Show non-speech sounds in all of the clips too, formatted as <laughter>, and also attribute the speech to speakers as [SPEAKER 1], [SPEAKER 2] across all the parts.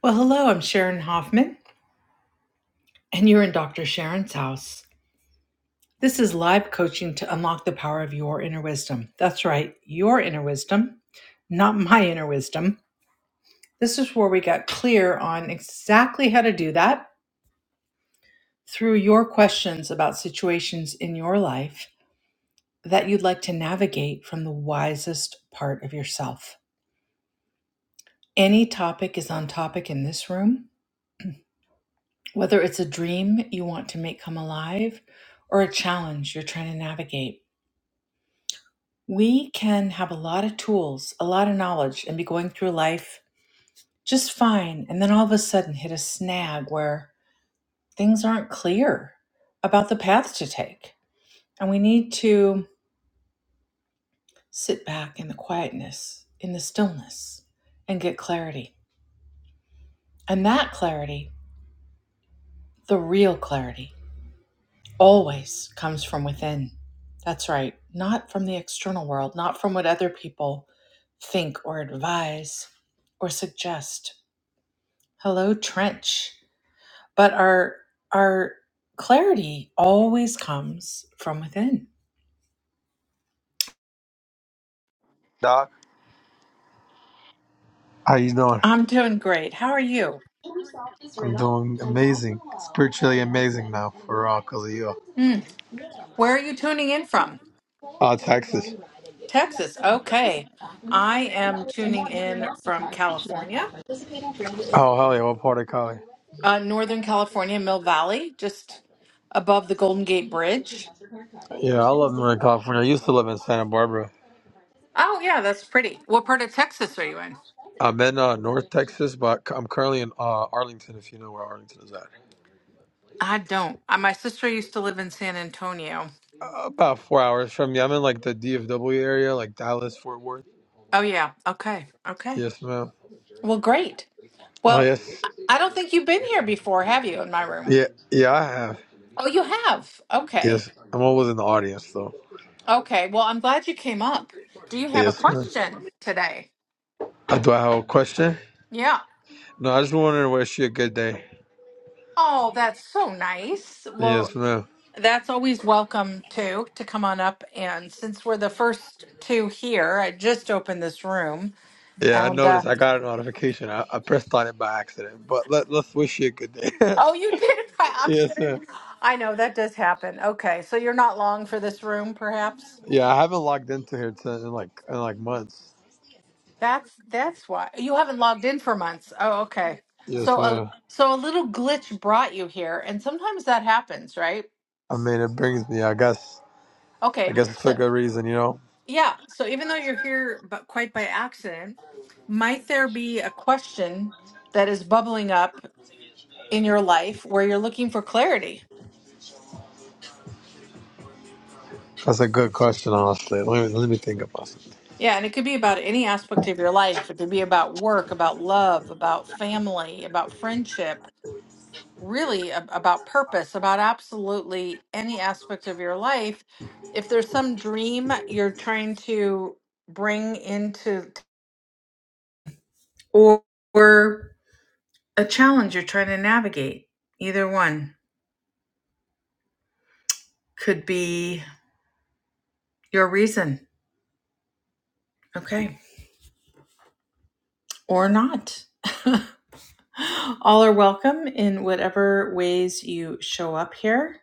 [SPEAKER 1] Well, hello, I'm Sharon Hoffman, and you're in Dr. Sharon's house. This is live coaching to unlock the power of your inner wisdom. That's right, your inner wisdom, not my inner wisdom. This is where we got clear on exactly how to do that through your questions about situations in your life that you'd like to navigate from the wisest part of yourself. Any topic is on topic in this room, whether it's a dream you want to make come alive or a challenge you're trying to navigate. We can have a lot of tools, a lot of knowledge, and be going through life just fine, and then all of a sudden hit a snag where things aren't clear about the path to take. And we need to sit back in the quietness, in the stillness, and get clarity. And that clarity, the real clarity, always comes from within. That's right, not from the external world, not from what other people think or advise or suggest Hello, Trench. But our our clarity always comes from within.
[SPEAKER 2] Doc, how you doing?
[SPEAKER 1] I'm doing great. How are you?
[SPEAKER 2] I'm doing amazing, spiritually amazing now for all cause of you.
[SPEAKER 1] Hmm. Where are you tuning in from?
[SPEAKER 2] Uh, Texas.
[SPEAKER 1] Texas. Okay. I am tuning in from California,
[SPEAKER 2] Oh hell yeah! What part of Cali?
[SPEAKER 1] uh, Northern California, Mill Valley, just above the Golden Gate Bridge.
[SPEAKER 2] Yeah, I love Northern California. I used to live in Santa Barbara.
[SPEAKER 1] Oh, yeah, that's pretty. What part of Texas are you in?
[SPEAKER 2] I'm in uh, North Texas, but I'm currently in uh, Arlington. If you know where Arlington is at.
[SPEAKER 1] I don't. Uh, my sister used to live in San Antonio.
[SPEAKER 2] Uh, About four hours from me. I'm in like the DFW area, like Dallas, Fort Worth.
[SPEAKER 1] Oh, yeah. Okay. Okay.
[SPEAKER 2] Yes, ma'am.
[SPEAKER 1] Well, great.
[SPEAKER 2] Oh,
[SPEAKER 1] Well,
[SPEAKER 2] yes.
[SPEAKER 1] I I don't think you've been here before, have you, in my room?
[SPEAKER 2] Yeah, yeah, I have.
[SPEAKER 1] Oh, you have. Okay.
[SPEAKER 2] Yes, I'm always in the audience, though.
[SPEAKER 1] Okay. Well, I'm glad you came up. Do you have a
[SPEAKER 2] Yes, ma'am.
[SPEAKER 1] question today?
[SPEAKER 2] Uh, do I have a question?
[SPEAKER 1] Yeah.
[SPEAKER 2] No, I just wondering Wish you a good day.
[SPEAKER 1] Oh, that's so nice. Well,
[SPEAKER 2] Yes, ma'am.
[SPEAKER 1] that's always welcome too to come on up. And since we're the first two here, I just opened this room.
[SPEAKER 2] Yeah, I
[SPEAKER 1] And uh,
[SPEAKER 2] noticed. I got a notification. I, I pressed on it by accident, but let, let's wish you a good day. <laughs>
[SPEAKER 1] oh, you <laughs> did it by
[SPEAKER 2] yes,
[SPEAKER 1] Oxford.
[SPEAKER 2] ma'am.
[SPEAKER 1] I know that does happen. Okay, so you're not long for this room, perhaps.
[SPEAKER 2] Yeah, I haven't logged into here to, in like in like months.
[SPEAKER 1] That's that's why you haven't logged in for months. Oh, okay.
[SPEAKER 2] Yes,
[SPEAKER 1] So a
[SPEAKER 2] ma'am.
[SPEAKER 1] so a little glitch brought you here, and sometimes that happens, right?
[SPEAKER 2] I mean, it brings me. I guess. I
[SPEAKER 1] Okay.
[SPEAKER 2] guess it's for
[SPEAKER 1] So
[SPEAKER 2] good reason, you know.
[SPEAKER 1] yeah, so even though you're here but quite by accident, might there be a question that is bubbling up in your life where you're looking for clarity?
[SPEAKER 2] That's a good question, honestly. Let me, let me think about it.
[SPEAKER 1] Yeah, and it could be about any aspect of your life. It could be about work, about love, about family, about friendship really ab- about purpose, about absolutely any aspect of your life. If there's some dream you're trying to bring into, or, or a challenge you're trying to navigate, either one could be your reason. Okay. Or not. <gasps> All are welcome in whatever ways you show up here,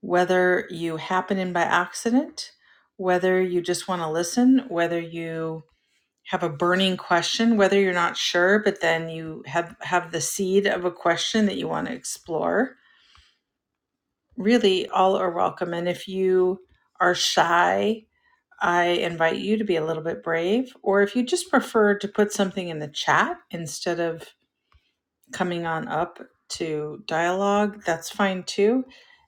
[SPEAKER 1] whether you happen in by accident, whether you just want to listen, whether you have a burning question whether you're not sure but then you have have the seed of a question that you want to explore really all are welcome and if you are shy i invite you to be a little bit brave or if you just prefer to put something in the chat instead of coming on up to dialogue, that's fine too.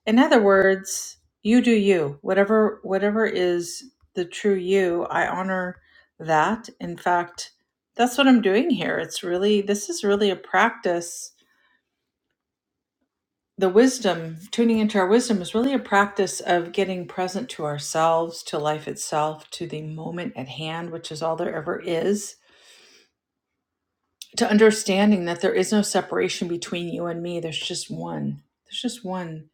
[SPEAKER 1] In other words, you do you. Whatever whatever is the true you, I honor that. In fact, that's what I'm doing here. It's really this is really a practice. The wisdom, tuning into our wisdom is really a practice of getting present to ourselves, to life itself, to the moment at hand, which is all there ever is. To understanding that there is no separation between you and me. There's just one. There's just one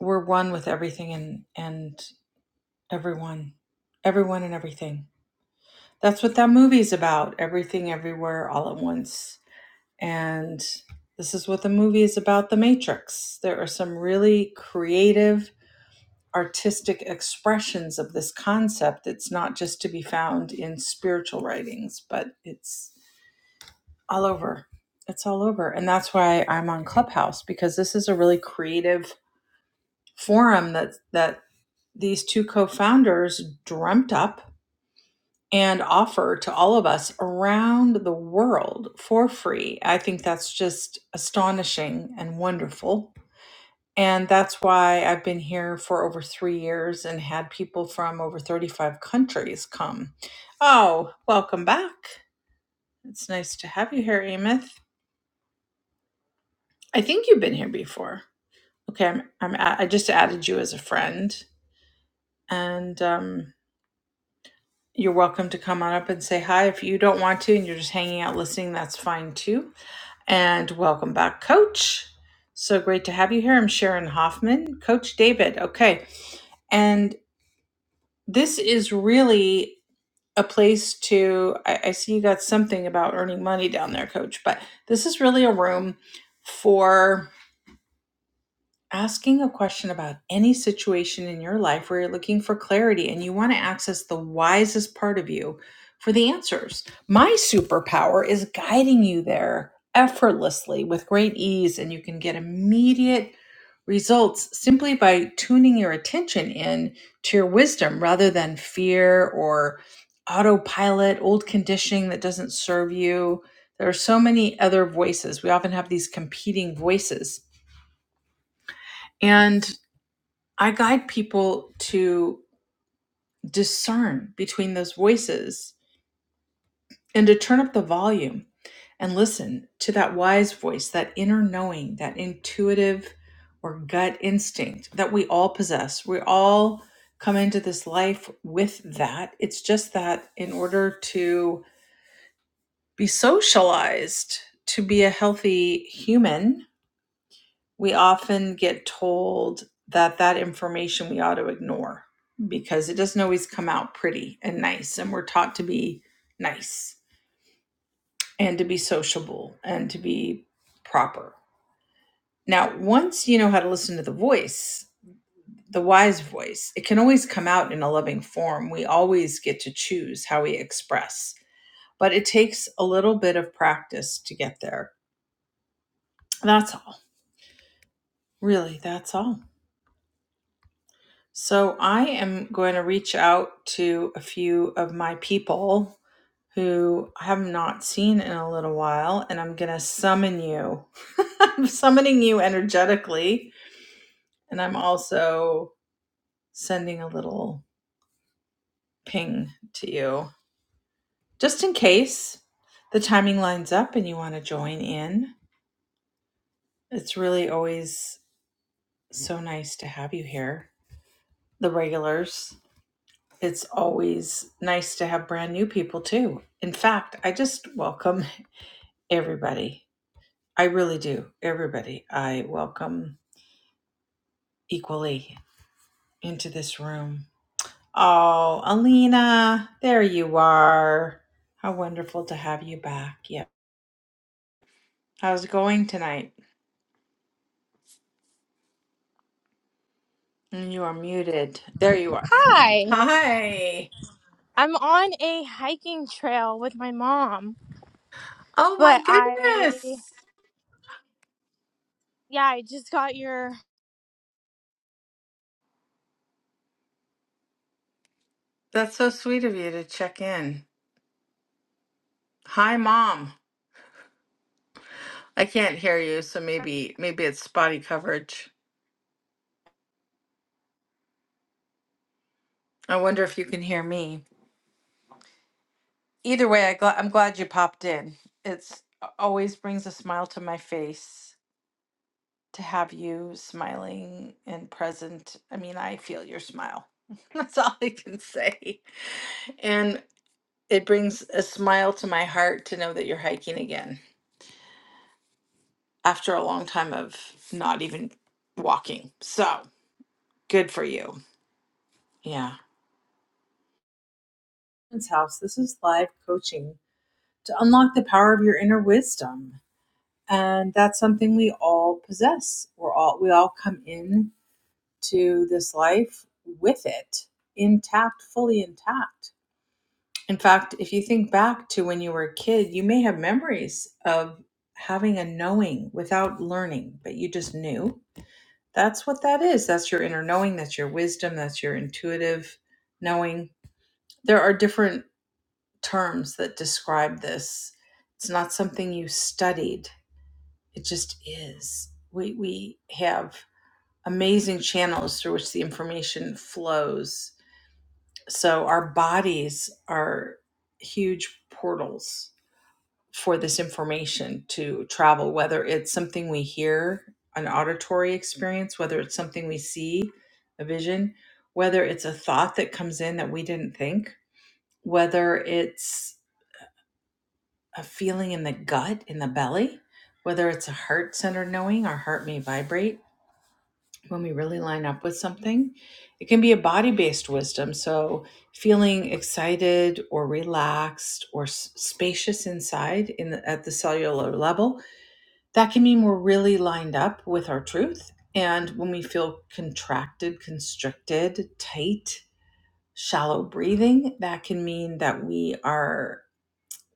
[SPEAKER 1] we're one with everything and and everyone everyone and everything that's what that movie's about everything everywhere all at once and this is what the movie is about the matrix there are some really creative artistic expressions of this concept it's not just to be found in spiritual writings but it's all over it's all over and that's why i'm on clubhouse because this is a really creative forum that that these two co founders dreamt up and offer to all of us around the world for free. I think that's just astonishing and wonderful. And that's why I've been here for over three years and had people from over 35 countries come. Oh, welcome back. It's nice to have you here, Amith. I think you've been here before. Okay, I'm, I'm a- I just added you as a friend. And um, You're welcome to come on up and say hi. If you don't want to and you're just hanging out listening, that's fine too. And welcome back, Coach. So great to have you here. I'm Sharon Hoffman, Coach David. Okay. And this is really a place to, I, I see you got something about earning money down there, Coach, but this is really a room for asking a question about any situation in your life where you're looking for clarity and you want to access the wisest part of you for the answers. My superpower is guiding you there effortlessly with great ease, and you can get immediate results simply by tuning your attention in to your wisdom rather than fear or autopilot, old conditioning that doesn't serve you. There are so many other voices. We often have these competing voices. and. I guide people to discern between those voices and to turn up the volume and listen to that wise voice, that inner knowing, that intuitive or gut instinct that we all possess. We all come into this life with that. It's just that in order to be socialized, to be a healthy human, we often get told that that information we ought to ignore because it doesn't always come out pretty and nice and we're taught to be nice and to be sociable and to be proper now once you know how to listen to the voice the wise voice it can always come out in a loving form we always get to choose how we express but it takes a little bit of practice to get there that's all really that's all So I am going to reach out to a few of my people who I have not seen in a little while, and I'm going to summon you. <laughs> I'm summoning you energetically, and I'm also sending a little ping to you just in case the timing lines up and you want to join in. It's really always so nice to have you here, the regulars. it's always nice to have brand new people too. In fact, I just welcome everybody. I really do. Everybody, I welcome equally into this room. Oh, Alina, there you are. How wonderful to have you back. Yep. How's it going tonight? And You are muted. There you are.
[SPEAKER 3] Hi.
[SPEAKER 1] Hi.
[SPEAKER 3] I'm on a hiking trail with my mom,
[SPEAKER 1] Oh
[SPEAKER 3] but
[SPEAKER 1] my
[SPEAKER 3] I,
[SPEAKER 1] goodness.
[SPEAKER 3] yeah, I just got your
[SPEAKER 1] That's so sweet of you to check in. Hi, Mom. I can't hear you, so maybe maybe it's spotty coverage. I wonder if you can hear me. Either way, I gl- I'm glad you popped in. It's a- always brings a smile to my face to have you smiling and present. I mean, I feel your smile. <laughs> That's all I can say. And it brings a smile to my heart to know that you're hiking again after a long time of not even walking. So, good for you. Yeah. Friend's house. This is live coaching. to unlock the power of your inner wisdom. And that's something we all possess. We're all we all come in to this life with it intact, fully intact. In fact, if you think back to when you were a kid, you may have memories of having a knowing without learning, but you just knew. That's what that is. That's your inner knowing, that's your wisdom, that's your intuitive knowing. There are different terms that describe this. It's not something you studied It just is. We we have amazing channels through which the information flows. So our bodies are huge portals for this information to travel whether it's something we hear, an auditory experience, whether it's something we see, a vision, whether it's a thought that comes in that we didn't think, whether it's a feeling in the gut, in the belly, whether it's a heart centered knowing, our heart may vibrate when we really line up with something. It can be a body based wisdom. So, feeling excited or relaxed or s- spacious inside in the, at the cellular level, that can mean we're really lined up with our truth. And when we feel contracted, constricted, tight, shallow breathing, that can mean that we are,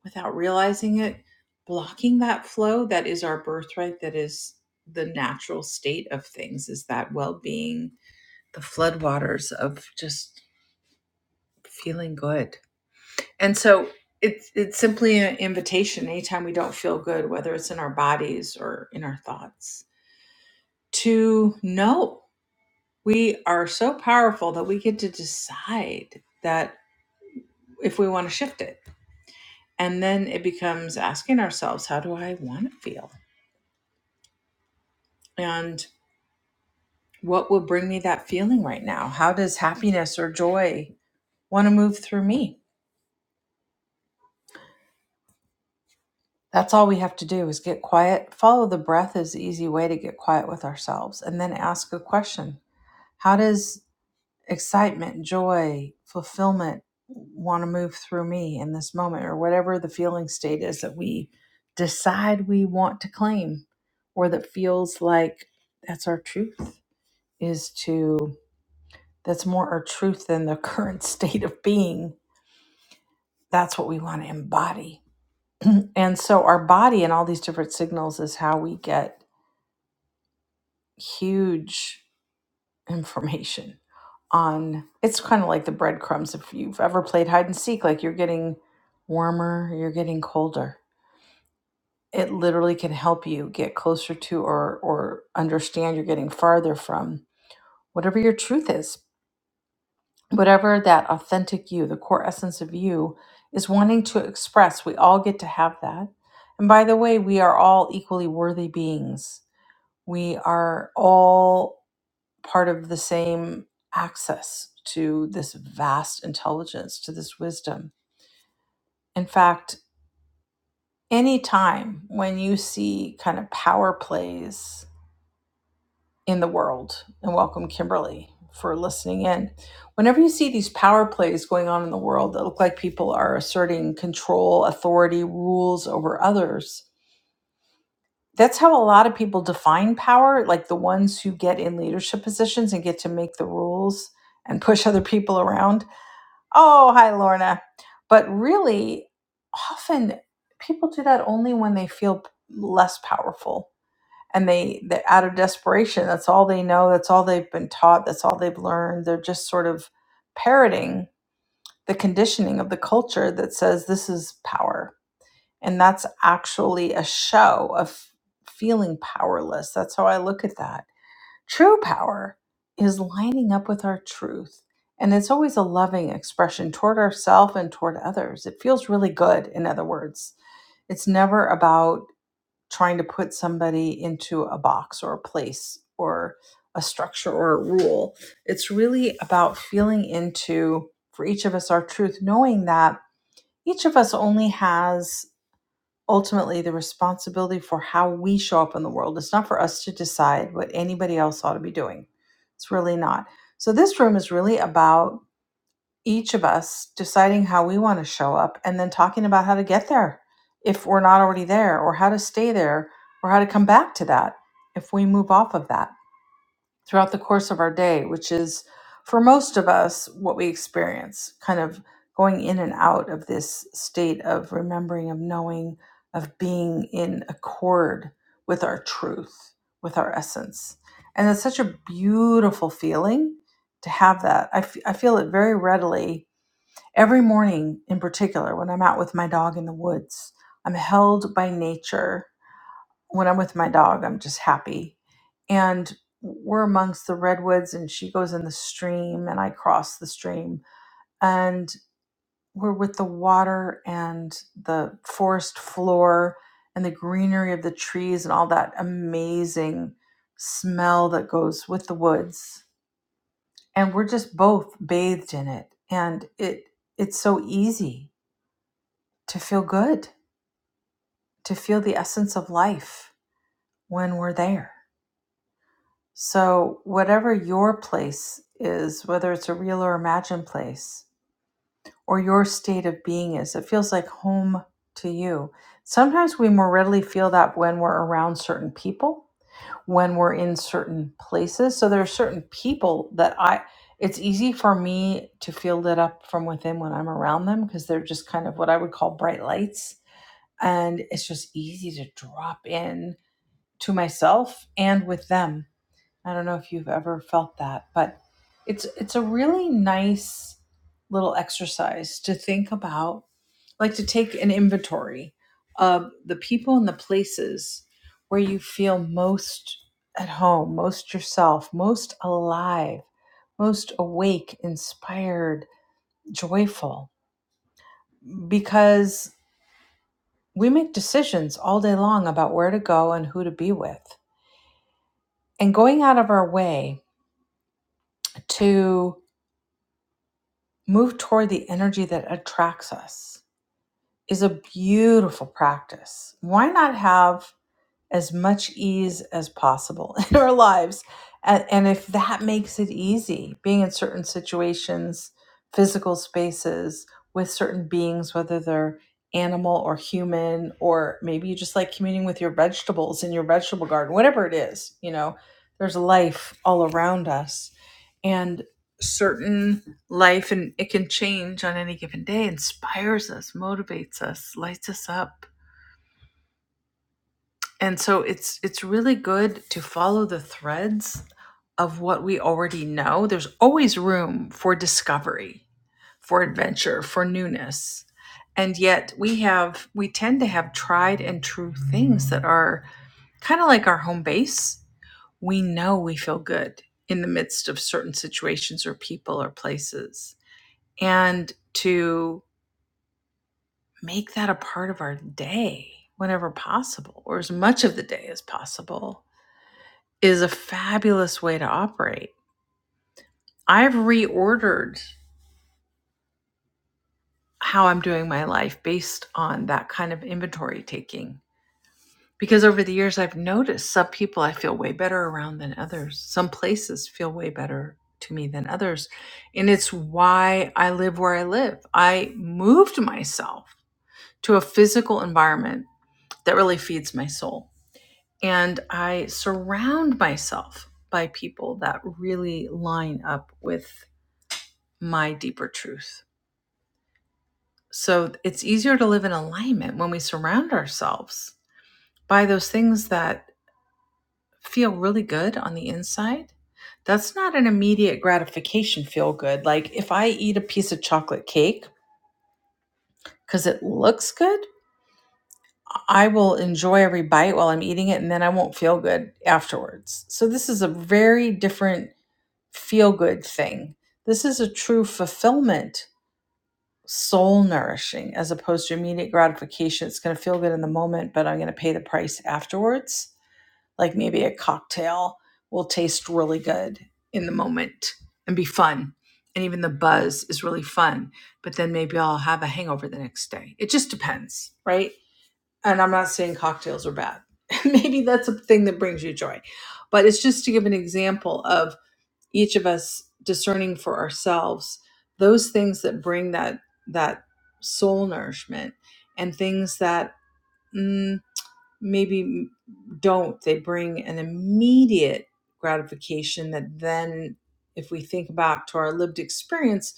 [SPEAKER 1] without realizing it, blocking that flow that is our birthright, that is the natural state of things, is that well being the floodwaters of just feeling good. And so it's it's simply an invitation anytime we don't feel good, whether it's in our bodies or in our thoughts, to know we are so powerful that we get to decide that if we want to shift it. And then it becomes asking ourselves, how do I want to feel? And what will bring me that feeling right now? How does happiness or joy want to move through me? That's all we have to do is get quiet. Follow the breath is the easy way to get quiet with ourselves and then ask a question. How does excitement, joy, fulfillment want to move through me in this moment or whatever the feeling state is that we decide we want to claim or that feels like that's our truth is to that's more our truth than the <laughs> current state of being. That's what we want to embody. And so our body and all these different signals is how we get huge information on it's kind of like the breadcrumbs if you've ever played hide and seek like you're getting warmer you're getting colder it literally can help you get closer to or or understand you're getting farther from whatever your truth is whatever that authentic you the core essence of you is wanting to express we all get to have that and by the way we are all equally worthy beings we are all part of the same access to this vast intelligence, to this wisdom. In fact, any time when you see kind of power plays in the world, and welcome Kimberly for listening in. Whenever you see these power plays going on in the world that look like people are asserting control, authority, rules over others, that's how a lot of people define power, like the ones who get in leadership positions and get to make the rules and push other people around Oh, hi, Lorna. But really, often people do that only when they feel less powerful and they they're out of desperation. That's all they know. That's all they've been taught. That's all they've learned. They're just sort of parroting the conditioning of the culture that says this is power. And that's actually a show of feeling powerless. That's how I look at that True power is lining up with our truth. And it's always a loving expression toward ourselves and toward others. It feels really good, in other words. It's never about trying to put somebody into a box or a place or a structure or a rule. It's really about feeling into, for each of us, our truth, knowing that each of us only has ultimately the responsibility for how we show up in the world. It's not for us to decide what anybody else ought to be doing. It's really not. So, this room is really about each of us deciding how we want to show up and then talking about how to get there if we're not already there, or how to stay there, or how to come back to that if we move off of that throughout the course of our day, which is for most of us what we experience, kind of going in and out of this state of remembering, of knowing, of being in accord with our truth, with our essence. And it's such a beautiful feeling to have that. I f- I feel it very readily every morning, in particular, when I'm out with my dog in the woods. I'm held by nature when I'm with my dog, I'm just happy. And we're amongst the redwoods, and she goes in the stream, and I cross the stream, and we're with the water and the forest floor and the greenery of the trees and all that amazing smell that goes with the woods. And we're just both bathed in it. And it it's so easy to feel good, to feel the essence of life when we're there So, whatever your place is, whether it's a real or imagined place, or your state of being is, it feels like home to you. Sometimes we more readily feel that when we're around certain people, when we're in certain places. So, there are certain people that I, it's easy for me to feel lit up from within when I'm around them because they're just kind of what I would call bright lights. And it's just easy to drop in to myself and with them I don't know if you've ever felt that, but it's it's a really nice little exercise to think about, like to take an inventory of the people and the places where you feel most at home, most yourself, most alive, most awake, inspired, joyful because we make decisions all day long about where to go and who to be with. And going out of our way to move toward the energy that attracts us is a beautiful practice. Why not have as much ease as possible <laughs> in our lives. And, and if that makes it easy, being in certain situations, physical spaces with certain beings, whether they're animal or human, or maybe you just like communing with your vegetables in your vegetable garden, whatever it is, you know, there's life all around us. And certain life, and it can change on any given day, inspires us, motivates us, lights us up and so it's it's really good to follow the threads of what we already know there's always room for discovery for adventure for newness and yet we have we tend to have tried and true things that are kind of like our home base we know we feel good in the midst of certain situations or people or places and to make that a part of our day whenever possible or as much of the day as possible is a fabulous way to operate. I've reordered how I'm doing my life based on that kind of inventory taking. Because over the years, I've noticed some people I feel way better around than others. Some places feel way better to me than others. And it's why I live where I live. I moved myself to a physical environment that really feeds my soul. And I surround myself by people that really line up with my deeper truth. So it's easier to live in alignment when we surround ourselves by those things that feel really good on the inside. That's not an immediate gratification feel good. Like if I eat a piece of chocolate cake because it looks good, I will enjoy every bite while I'm eating it and then I won't feel good afterwards. So this is a very different feel good thing. This is a true fulfillment soul nourishing as opposed to immediate gratification. It's going to feel good in the moment, but I'm going to pay the price afterwards. Like maybe a cocktail will taste really good in the moment and be fun. And even the buzz is really fun, but then maybe I'll have a hangover the next day. It just depends, right? And I'm not saying cocktails are bad. <laughs> maybe that's a thing that brings you joy. But it's just to give an example of each of us discerning for ourselves those things that bring that that soul nourishment and things that mm, maybe don't they bring an immediate gratification that then if we think back to our lived experience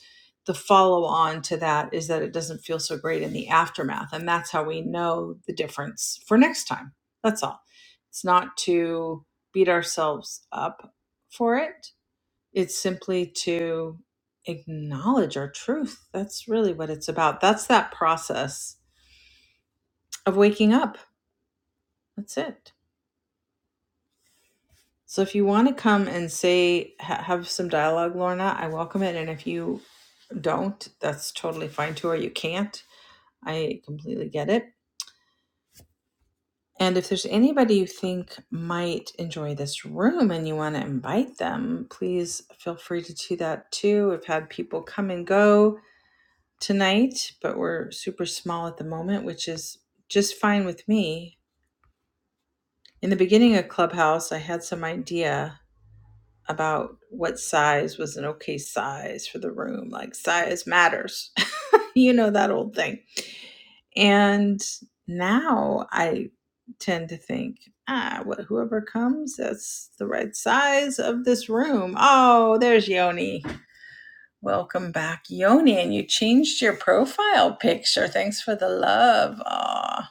[SPEAKER 1] the follow on to that is that it doesn't feel so great in the aftermath and that's how we know the difference for next time that's all it's not to beat ourselves up for it it's simply to acknowledge our truth. That's really what it's about. That's that process of waking up. That's it. So if you want to come and say, ha- have some dialogue, Lorna, I welcome it. And if you don't, that's totally fine too, or you can't. I completely get it. And if there's anybody you think might enjoy this room and you want to invite them, please feel free to do that too. I've had people come and go tonight, but we're super small at the moment, which is just fine with me. In the beginning of Clubhouse, I had some idea about what size was an okay size for the room, like size matters, <laughs> you know, that old thing. And now I tend to think, ah, what, whoever comes, that's the right size of this room. Oh, there's Yoni. Welcome back, Yoni. And you changed your profile picture. Thanks for the love. Aw,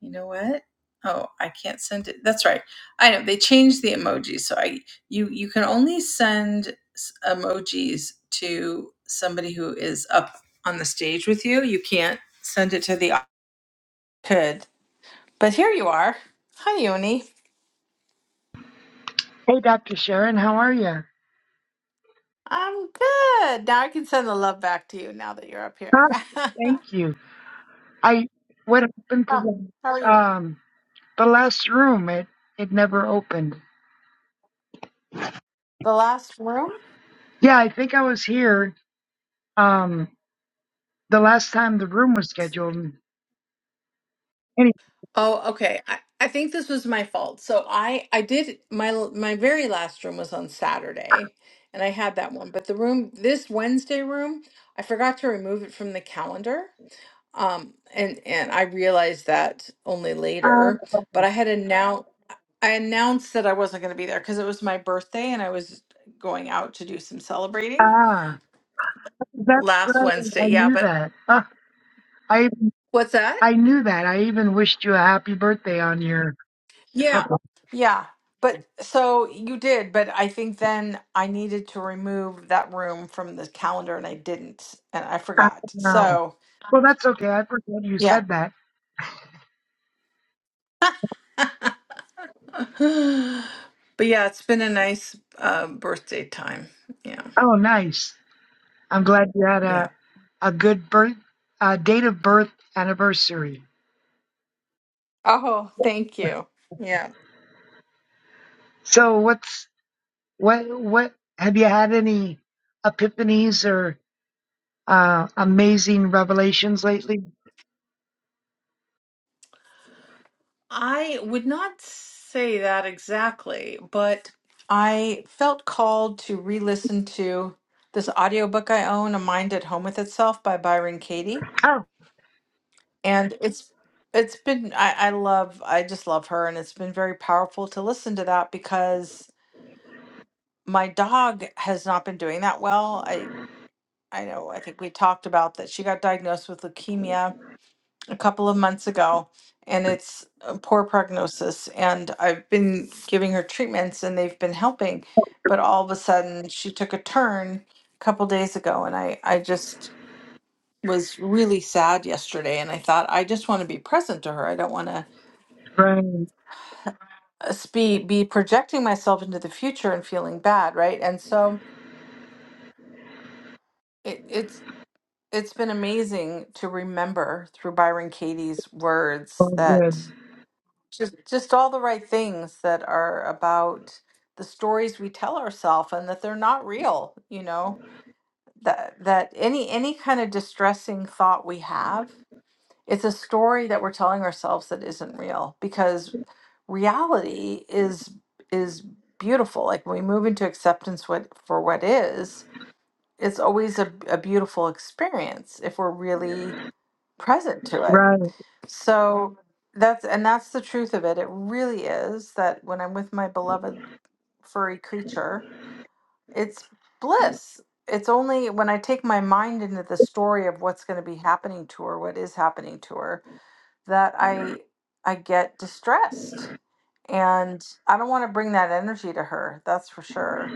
[SPEAKER 1] you know what? Oh, I can't send it. That's right. I know they changed the emojis, so I you you can only send s- emojis to somebody who is up on the stage with you. You can't send it to the could. But here you are. Hi, Yoni.
[SPEAKER 4] Hey, Dr. Sharon, how are you?
[SPEAKER 1] I'm good. Now I can send the love back to you now that you're up here.
[SPEAKER 4] Huh?
[SPEAKER 1] <laughs> oh,
[SPEAKER 4] Thank you. I what happened to
[SPEAKER 1] how
[SPEAKER 4] the
[SPEAKER 1] are you?
[SPEAKER 4] um the last room? It it never opened.
[SPEAKER 1] The last room?
[SPEAKER 4] Yeah, I think I was here um the last time the room was scheduled. Anyway,
[SPEAKER 1] Oh, okay. I, I think this was my fault. So I I did my l- my very last room was on Saturday, and I had that one. But the room this Wednesday room, I forgot to remove it from the calendar. Um, and and I realized that only
[SPEAKER 4] ah,
[SPEAKER 1] later. But I had announced I announced that I wasn't going to be there because it was my birthday and I was going out to do some celebrating
[SPEAKER 4] ah, that's
[SPEAKER 1] last
[SPEAKER 4] right.
[SPEAKER 1] Wednesday.
[SPEAKER 4] I
[SPEAKER 1] Yeah,
[SPEAKER 4] knew
[SPEAKER 1] but
[SPEAKER 4] that. Ah, I
[SPEAKER 1] what's that?
[SPEAKER 4] I knew that. I even wished you a happy birthday on your. Oh,
[SPEAKER 1] Yeah. Yeah. But so you did, but I think then I needed to remove that room from the calendar and I didn't and I forgot.
[SPEAKER 4] no.
[SPEAKER 1] So,
[SPEAKER 4] Well, that's okay. I forgot you
[SPEAKER 1] yeah.
[SPEAKER 4] said that.
[SPEAKER 1] <laughs> but yeah, it's been a nice uh, birthday time. Yeah.
[SPEAKER 4] Oh, nice. I'm glad you had
[SPEAKER 1] Yeah.
[SPEAKER 4] a, a good birth uh, date of birth anniversary.
[SPEAKER 1] Oh, thank you. Yeah.
[SPEAKER 4] So what's what what have you had any epiphanies or uh, amazing revelations lately?
[SPEAKER 1] I would not say that exactly, but I felt called to re listen to this audiobook I own, A Mind at Home with Itself by Byron Katie
[SPEAKER 4] Oh,
[SPEAKER 1] and it's it's been I, I love i just love her and it's been very powerful to listen to that because my dog has not been doing that well i i know i think we talked about that she got diagnosed with leukemia a couple of months ago and it's a poor prognosis and i've been giving her treatments and they've been helping but all of a sudden she took a turn a couple days ago and i i just was really sad yesterday and i thought i just want to be present to her i don't want to
[SPEAKER 4] right,
[SPEAKER 1] s- be be projecting myself into the future and feeling bad, right? And so it, it's it's been amazing to remember through Byron Katie's words
[SPEAKER 4] all good,
[SPEAKER 1] that just just all the right things that are about the stories we tell ourselves and that they're not real, you know, that that any any kind of distressing thought we have It's a story that we're telling ourselves that isn't real because reality is is beautiful. Like when we move into acceptance what for what is, it's always a, a beautiful experience if we're really present to it.
[SPEAKER 4] right.
[SPEAKER 1] So that's and that's the truth of it. It really is that when I'm with my beloved furry creature, it's bliss it's only when I take my mind into the story of what's going to be happening to her, what is happening to her, that I I get distressed. And I don't want to bring that energy to her, that's for sure.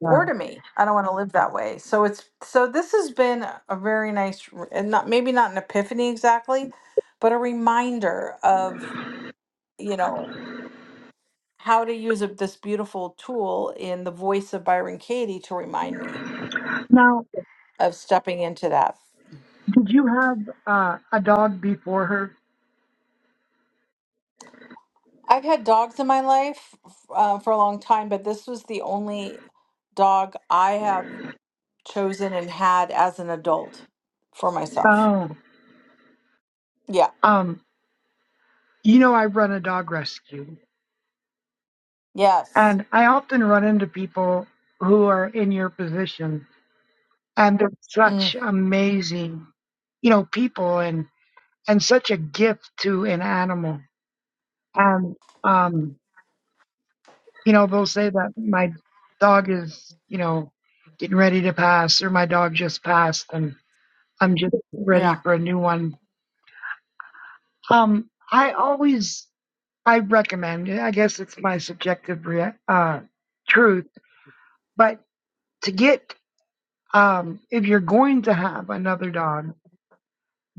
[SPEAKER 4] Yeah.
[SPEAKER 1] Or to me. I don't want to live that way. So it's so this has been a very nice r- and not maybe not an epiphany exactly, but a reminder of, you know, how to use a, this beautiful tool in the voice of Byron Katie to remind me
[SPEAKER 4] Now,
[SPEAKER 1] of stepping into that.
[SPEAKER 4] did you have uh, a dog before her?
[SPEAKER 1] I've had dogs in my life uh, for a long time, but this was the only dog I have chosen and had as an adult for myself.
[SPEAKER 4] Oh,
[SPEAKER 1] Yeah.
[SPEAKER 4] um, you know I run a dog rescue,
[SPEAKER 1] Yes.
[SPEAKER 4] and I often run into people who are in your position and they're
[SPEAKER 1] Mm,
[SPEAKER 4] such amazing you know people and and such a gift to an animal and um you know they'll say that my dog is you know getting ready to pass or my dog just passed and i'm just ready
[SPEAKER 1] yeah.
[SPEAKER 4] for a new one um i always i recommend i guess it's my subjective rea- uh truth but to get um if you're going to have another dog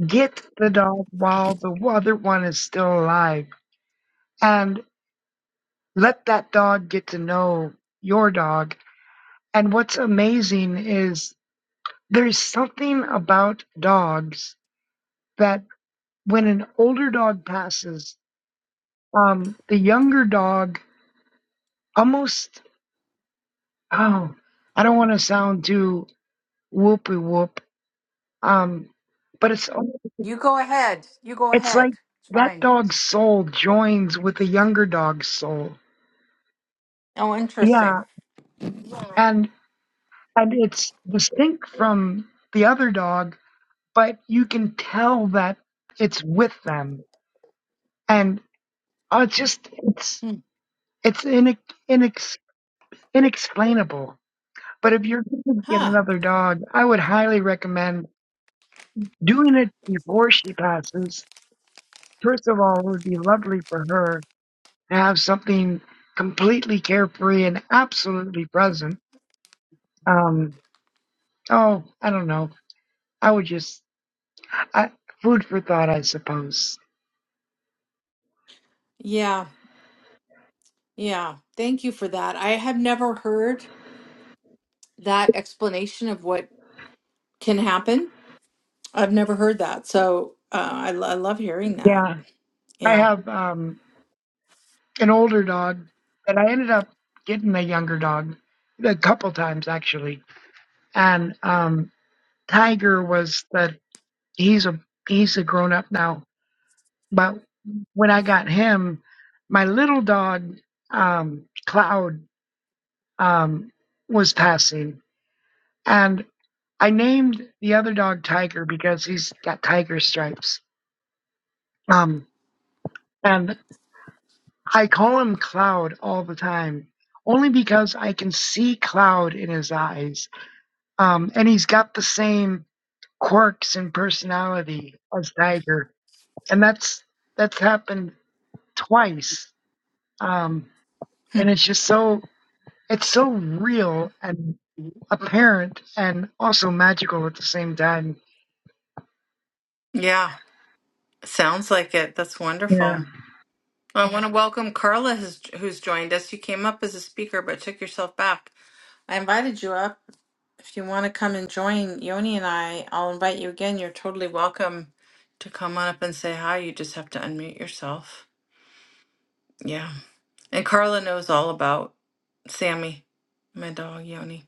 [SPEAKER 4] Get the dog while the other one is still alive and let that dog get to know your dog. And what's amazing is there's something about dogs that when an older dog passes, um, the younger dog almost, oh, I don't want to sound too whoopee whoop, um, but it's,
[SPEAKER 1] You go ahead. You go
[SPEAKER 4] it's
[SPEAKER 1] ahead.
[SPEAKER 4] like
[SPEAKER 1] It's
[SPEAKER 4] that
[SPEAKER 1] fine.
[SPEAKER 4] dog's soul joins with the younger dog's soul.
[SPEAKER 1] Oh, interesting.
[SPEAKER 4] Yeah. and and it's distinct from the other dog, but you can tell that it's with them, and uh, it's just it's
[SPEAKER 1] Hmm.
[SPEAKER 4] it's inex, inex, inexplainable. But if you're going to get
[SPEAKER 1] Huh.
[SPEAKER 4] another dog, I would highly recommend doing it before she passes. First of all, it would be lovely for her to have something completely carefree and absolutely present. Um, oh, I don't know. I would just I, food for thought, I suppose.
[SPEAKER 1] Yeah. Yeah. Thank you for that. I have never heard that explanation of what can happen. I've never heard that. So uh, I, lo- I love hearing that.
[SPEAKER 4] Yeah. I
[SPEAKER 1] Yeah.
[SPEAKER 4] have um, an older dog, but I ended up getting a younger dog a couple times actually. And um, Tiger was the he's a he's a grown up now. But when I got him, my little dog um, Cloud um, was passing, and I named the other dog Tiger because he's got tiger stripes. Um, and I call him Cloud all the time, only because I can see Cloud in his eyes. Um, and he's got the same quirks and personality as Tiger. And that's that's happened twice. Um, and it's just so it's so real and
[SPEAKER 1] Hmm.
[SPEAKER 4] apparent and also magical at the same time.
[SPEAKER 1] Yeah. Sounds like it. That's wonderful.
[SPEAKER 4] Yeah.
[SPEAKER 1] I want to welcome Carla, has, who's joined us. You came up as a speaker, but took yourself back. I invited you up. If you want to come and join Yoni and I, I'll invite you again. You're totally welcome to come on up and say hi. You just have to unmute yourself. Yeah. And Carla knows all about Sammy, my dog, Yoni.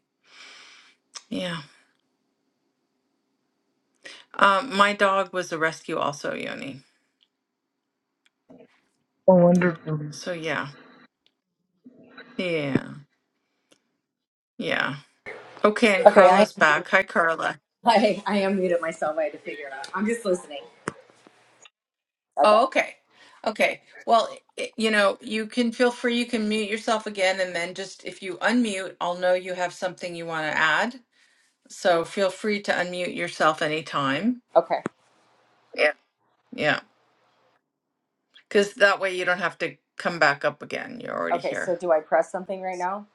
[SPEAKER 1] Yeah. Um, my dog was a rescue, also, Yoni.
[SPEAKER 4] Oh, wonderful.
[SPEAKER 1] So, yeah. Yeah. Yeah. Okay. And
[SPEAKER 5] Okay, I
[SPEAKER 1] Carla's back. Hi, Carla.
[SPEAKER 5] I, <laughs> I am muted myself. I had to figure it out. I'm just listening. Okay.
[SPEAKER 1] Oh, okay. Okay. Well, i you know, you can feel free, you can mute yourself again, and then just if you unmute, I'll know you have something you want to add. So feel free to unmute yourself anytime.
[SPEAKER 5] Okay.
[SPEAKER 1] Yeah, because that way you don't have to come back up again. You're already
[SPEAKER 5] Okay. So
[SPEAKER 1] here.
[SPEAKER 5] do I press something right now?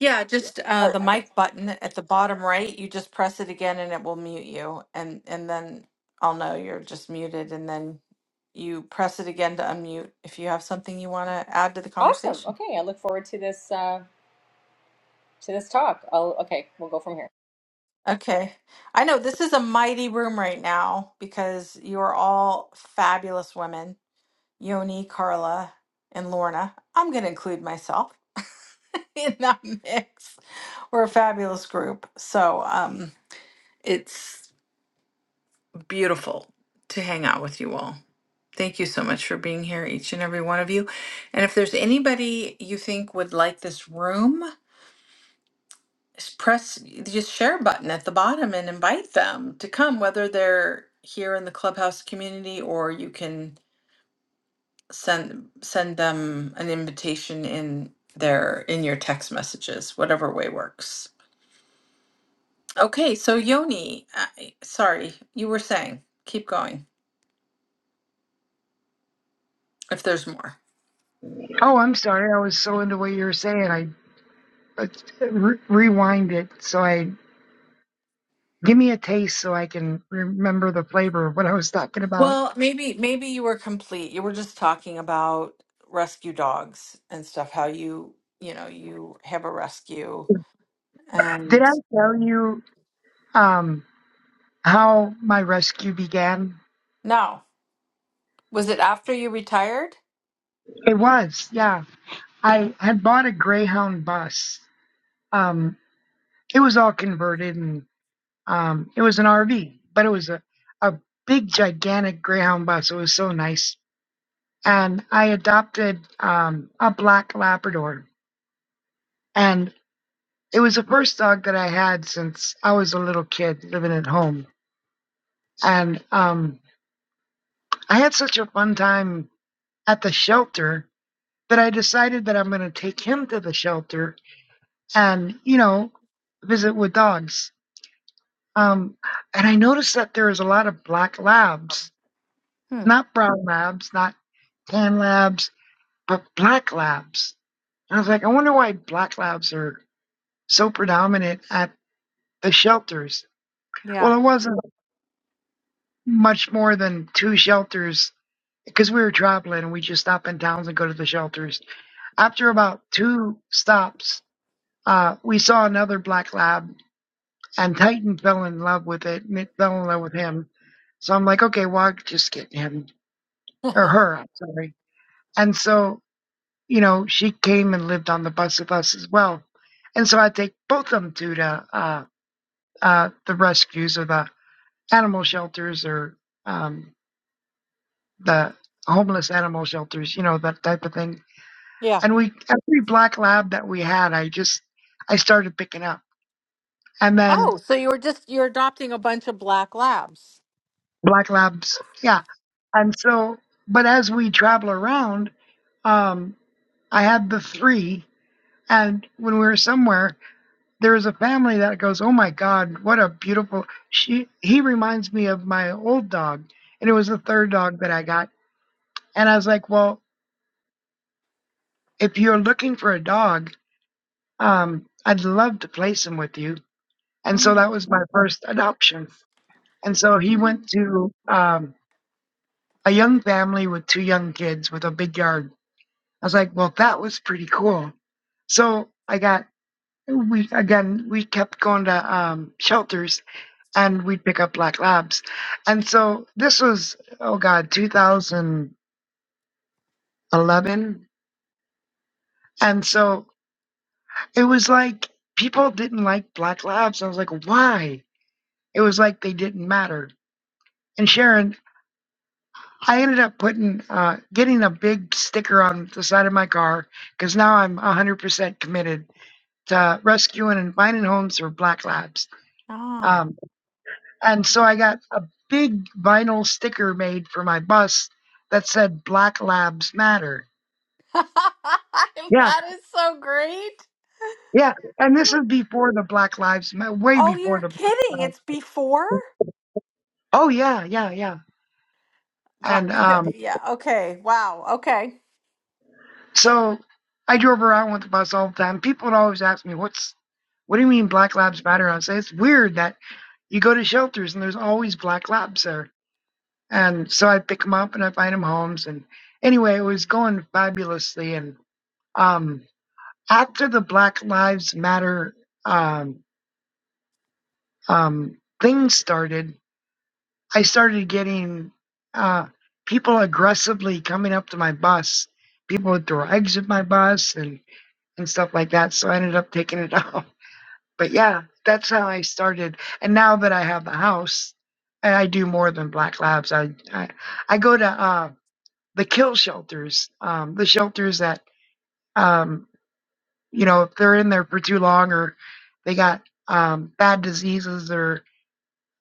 [SPEAKER 1] Yeah, just uh,
[SPEAKER 5] Oh,
[SPEAKER 1] the
[SPEAKER 5] I
[SPEAKER 1] mic button at the bottom right, you just press it again and it will mute you. And and then I'll know you're just muted, and then you press it again to unmute if you have something you want to add to the
[SPEAKER 5] awesome.
[SPEAKER 1] conversation.
[SPEAKER 5] Okay, I look forward to this uh, to this talk. I'll, okay, we'll go from here.
[SPEAKER 1] Okay. I know this is a mighty room right now because you are all fabulous women, Yoni, Carla, and Lorna. I'm going to include myself <laughs> in that mix. We're a fabulous group. So, um, it's beautiful to hang out with you all. Thank you so much for being here, each and every one of you. And if there's anybody you think would like this room, s- press y- just share button at the bottom and invite them to come, whether they're here in the clubhouse community or you can send send them an invitation in their in your text messages, whatever way works. Okay, so Yoni, I, sorry, you were saying. Keep going if there's more.
[SPEAKER 4] Oh, I'm sorry. I was so into what you were saying. I, I re- rewind it so I Give me a taste so I can remember the flavor of what I was talking about.
[SPEAKER 1] Well, maybe maybe you were complete. You were just talking about rescue dogs and stuff. How you you know you have a rescue
[SPEAKER 4] Did
[SPEAKER 1] and
[SPEAKER 4] I tell you um, how my rescue began?
[SPEAKER 1] no. Was it after you retired?
[SPEAKER 4] It was, yeah. I had bought a Greyhound bus. Um, it was all converted and um, it was an RV, but it was a, a big, gigantic Greyhound bus. It was so nice. And I adopted um, a black Labrador. And it was the first dog that I had since I was a little kid living at home. And um, I had such a fun time at the shelter that I decided that I'm going to take him to the shelter and, you know, visit with dogs. Um, and I noticed that there is a lot of black labs,
[SPEAKER 1] Hmm.
[SPEAKER 4] not brown labs, not tan labs, but black labs. And I was like, I wonder why black labs are so predominant at the shelters. Well,
[SPEAKER 1] Yeah.
[SPEAKER 4] it wasn't much more than two shelters because we were traveling and we just stop in towns and go to the shelters After about two stops, uh, we saw another black lab, and Titan fell in love with it, and it fell in love with him. So I'm like, okay, well, I'll just get him or
[SPEAKER 1] <laughs>
[SPEAKER 4] her. I'm sorry. And so, you know, she came and lived on the bus with us as well. And so I take both of them to the uh, uh, the rescues or the animal shelters or um, the homeless animal shelters, you know, that type of thing.
[SPEAKER 1] Yeah.
[SPEAKER 4] And we every black lab that we had, I just I started picking up. and then
[SPEAKER 1] Oh, so you were just you're adopting a bunch of black labs.
[SPEAKER 4] black labs. Yeah. And so, but as we travel around, um, I had the three. And when we were somewhere, there was a family that goes, "Oh my God, what a beautiful!" She he reminds me of my old dog, and it was the third dog that I got. And I was like, "Well, if you're looking for a dog, um, I'd love to place him with you." And so
[SPEAKER 1] Mm.
[SPEAKER 4] that was my first adoption. And so he went to um, a young family with two young kids with a big yard I was like, well, that was pretty cool. So I got we again we kept going to um, shelters and we'd pick up black labs, and so this was oh god 2011, and so it was like people didn't like black labs. I was like, why? It was like they didn't matter. And Sharon, I ended up putting uh, getting a big sticker on the side of my car because now I'm 100% committed to rescuing and finding homes for black labs
[SPEAKER 1] Ah.
[SPEAKER 4] Um, and so I got a big vinyl sticker made for my bus that said Black Labs Matter.
[SPEAKER 1] <laughs>
[SPEAKER 4] Yeah,
[SPEAKER 1] that is so great.
[SPEAKER 4] yeah. And this is before the Black Lives Matter, way
[SPEAKER 1] Oh,
[SPEAKER 4] before
[SPEAKER 1] you're
[SPEAKER 4] the. Black
[SPEAKER 1] kidding.
[SPEAKER 4] Lives-
[SPEAKER 1] It's before?
[SPEAKER 4] Oh, yeah, yeah, yeah.
[SPEAKER 1] Wow,
[SPEAKER 4] And
[SPEAKER 1] because
[SPEAKER 4] um,
[SPEAKER 1] yeah, okay. Wow. Okay.
[SPEAKER 4] so I drove around with the bus all the time. People would always ask me, what's. What do you mean Black Labs Matter? I'd say it's weird that you go to shelters and there's always Black Labs there. And so I pick them up and I find them homes. And anyway, it was going fabulously. And um, after the Black Lives Matter um, um, thing started, I started getting uh, people aggressively coming up to my bus. People would throw eggs at my bus and, and stuff like that. So I ended up taking it off. <laughs> But yeah, that's how I started. And now that I have a house, I, I do more than Black Labs. I, I, I go to uh, the kill shelters, um, the shelters that. Um, you know, if they're in there for too long or they got um, bad diseases or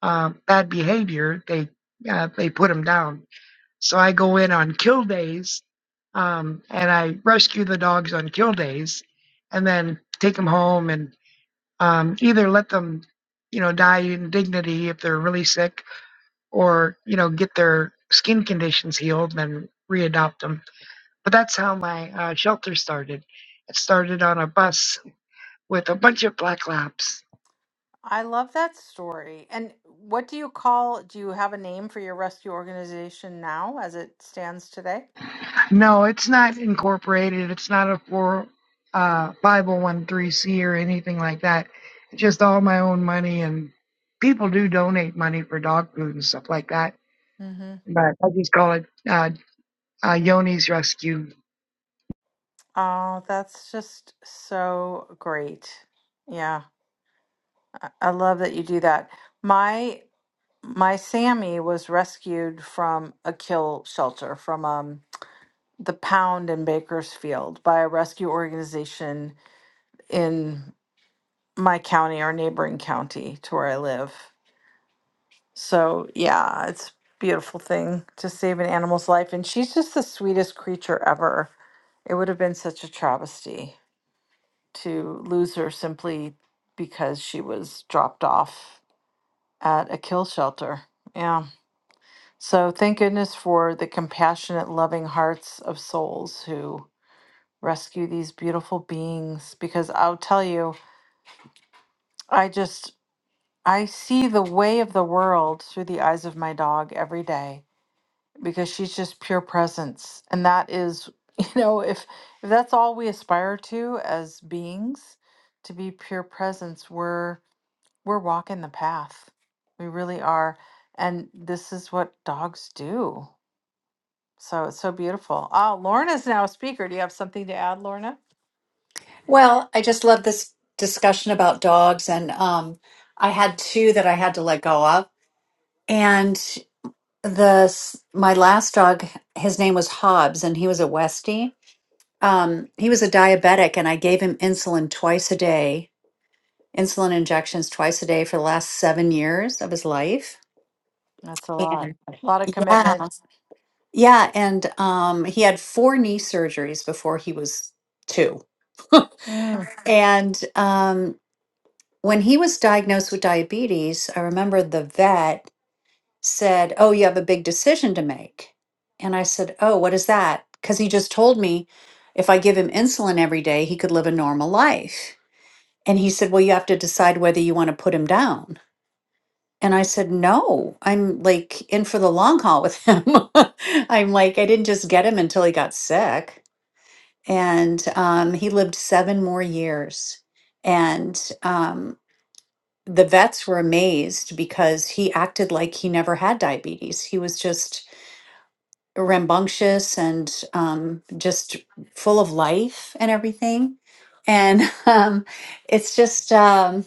[SPEAKER 4] um, bad behavior, they uh, they put them down. So I go in on kill days um, and I rescue the dogs on kill days, and then take them home and um, either let them, you know, die in dignity if they're really sick, or you know, get their skin conditions healed and readopt them. But that's how my uh, shelter started. It started on a bus with a bunch of black laps.
[SPEAKER 1] I love that story. And what do you call, do you have a name for your rescue organization now as it stands today?
[SPEAKER 4] No, it's not incorporated. It's not a four uh 501c or anything like that. It's just all my own money and people do donate money for dog food and stuff like that.
[SPEAKER 1] Mm-hmm.
[SPEAKER 4] But I just call it uh, uh Yoni's Rescue.
[SPEAKER 1] Oh, that's just so great. Yeah. I, I love that you do that. My my Sammy was rescued from a kill shelter from um the Pound in Bakersfield by a rescue organization in my county or neighboring county to where I live. So yeah, it's a beautiful thing to save an animal's life. And she's just the sweetest creature ever. It would have been such a travesty to lose her simply because she was dropped off at a kill shelter. Yeah. So thank goodness for the compassionate, loving hearts of souls who rescue these beautiful beings. Because I'll tell you, I just I see the way of the world through the eyes of my dog every day because she's just pure presence and that is <laughs> you know if if that's all we aspire to as beings to be pure presence we're we're walking the path we really are and this is what dogs do so it's so beautiful oh lorna's now a speaker do you have something to add lorna
[SPEAKER 6] Well, I just love this discussion about dogs, and um, I had two that I had to let go of, and the my last dog, his name was Hobbs, and he was a Westie. Um, he was a diabetic, and I gave him insulin twice a day, insulin injections twice a day for the last seven years of his life.
[SPEAKER 1] That's a lot.
[SPEAKER 6] And
[SPEAKER 1] A lot of
[SPEAKER 6] yeah,
[SPEAKER 1] commitment.
[SPEAKER 6] yeah, and um, he had four knee surgeries before he was two.
[SPEAKER 1] Mm.
[SPEAKER 6] <laughs> and um, when he was diagnosed with diabetes, I remember the vet said, Oh, you have a big decision to make. And I said, Oh, what is that? Because he just told me if I give him insulin every day, he could live a normal life. And he said, Well, you have to decide whether you want to put him down. And I said, No, I'm like in for the long haul with him. <laughs> I'm like, I didn't just get him until he got sick. And um, he lived seven more years. And um, the vets were amazed because he acted like he never had diabetes. He was just rambunctious and um, just full of life and everything. And <laughs> um, it's just um,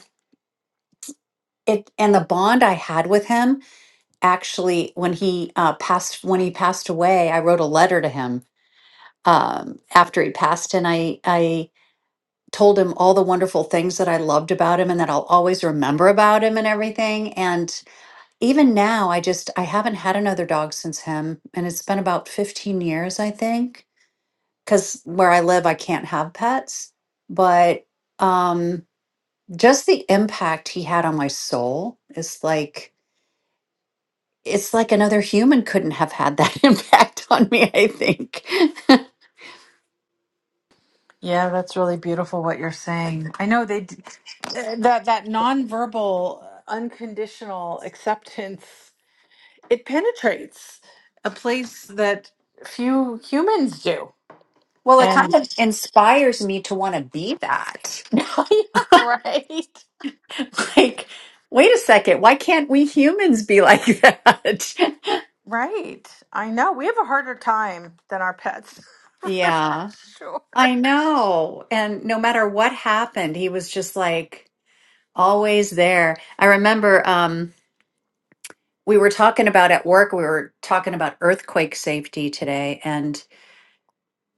[SPEAKER 6] it and the bond I had with him actually when he uh, passed when he passed away, I wrote a letter to him um, after he passed, and I I told him all the wonderful things that I loved about him and that I'll always remember about him and everything. and. even now i just i haven't had another dog since him and it's been about 15 years i think because where i live i can't have pets but um just the impact he had on my soul is like it's like another human couldn't have had that <laughs> impact on me i think <laughs>
[SPEAKER 1] Yeah, that's really beautiful what you're saying. I know they d- uh, that that nonverbal uh, unconditional acceptance it penetrates a place that few humans do.
[SPEAKER 6] well it kind
[SPEAKER 1] And
[SPEAKER 6] of inspires me to want to be that
[SPEAKER 1] <laughs> yeah, right.
[SPEAKER 6] <laughs> like wait a second why can't we humans be like that
[SPEAKER 1] Right. I know. We have a harder time than our pets. <laughs>
[SPEAKER 6] <laughs>
[SPEAKER 1] For
[SPEAKER 6] yeah
[SPEAKER 1] sure.
[SPEAKER 6] I know. And no matter what happened, he was just like always there. I remember um, we were talking about at work, we were talking about earthquake safety today, and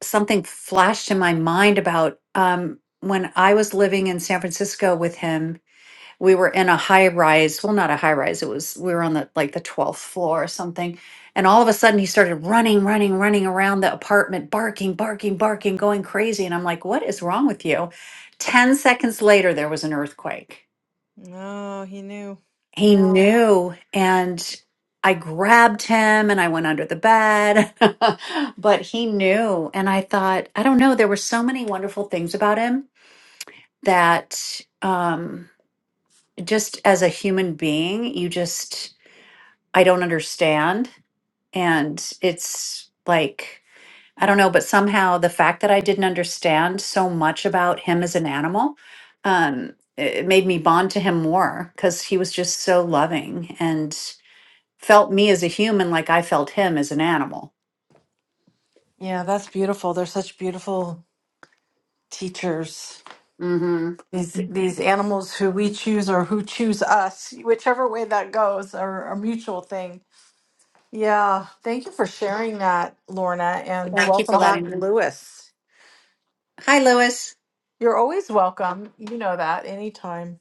[SPEAKER 6] something flashed in my mind about um, when I was living in San Francisco with him we were in a high rise well not a high rise it was we were on the like the 12th floor or something and all of a sudden he started running running running around the apartment barking barking barking going crazy and i'm like what is wrong with you 10 seconds later there was an earthquake
[SPEAKER 1] No, he knew.
[SPEAKER 6] he
[SPEAKER 1] Yeah.
[SPEAKER 6] knew and i grabbed him and i went under the bed <laughs> but he knew and i thought i don't know there were so many wonderful things about him that um just as a human being you just I don't understand. And it's like, I don't know, but somehow the fact that I didn't understand so much about him as an animal, um, it it made me bond to him more because he was just so loving and felt me as a human like I felt him as an animal.
[SPEAKER 1] Yeah, that's beautiful. They're such beautiful teachers.
[SPEAKER 6] hmm
[SPEAKER 1] these these animals who we choose or who choose us whichever way that goes are a mutual thing yeah thank you for sharing that lorna and
[SPEAKER 6] Thank you for
[SPEAKER 1] welcome
[SPEAKER 6] letting
[SPEAKER 1] back
[SPEAKER 6] me.
[SPEAKER 1] lewis
[SPEAKER 6] Hi, Lewis.
[SPEAKER 1] you're always welcome you know that anytime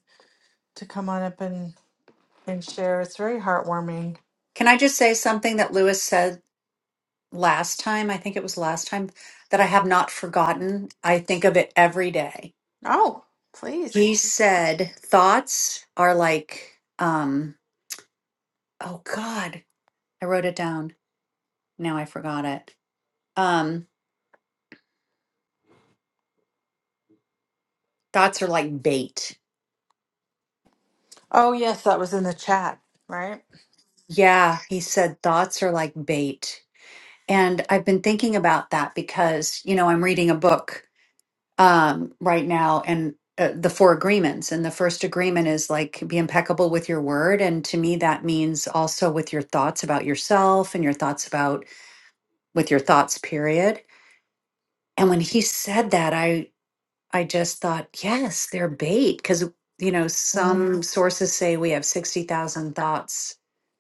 [SPEAKER 1] to come on up and and share it's very heartwarming
[SPEAKER 6] Can I just say something that Lewis said last time? I think it was last time that I have not forgotten. I think of it every day
[SPEAKER 1] oh please
[SPEAKER 6] He said thoughts are like um oh god, I wrote it down. Now I forgot it. Um thoughts are like bait.
[SPEAKER 1] oh yes that was in the chat right
[SPEAKER 6] Yeah, he said thoughts are like bait. And I've been thinking about that because, you know, I'm reading a book um right now and uh, the four agreements and the first agreement is like be impeccable with your word and to me that means also with your thoughts about yourself and your thoughts about with your thoughts period and when he said that I. I just thought, yes, they're bait because, you know,
[SPEAKER 1] mm.
[SPEAKER 6] some sources say we have 60,000 thoughts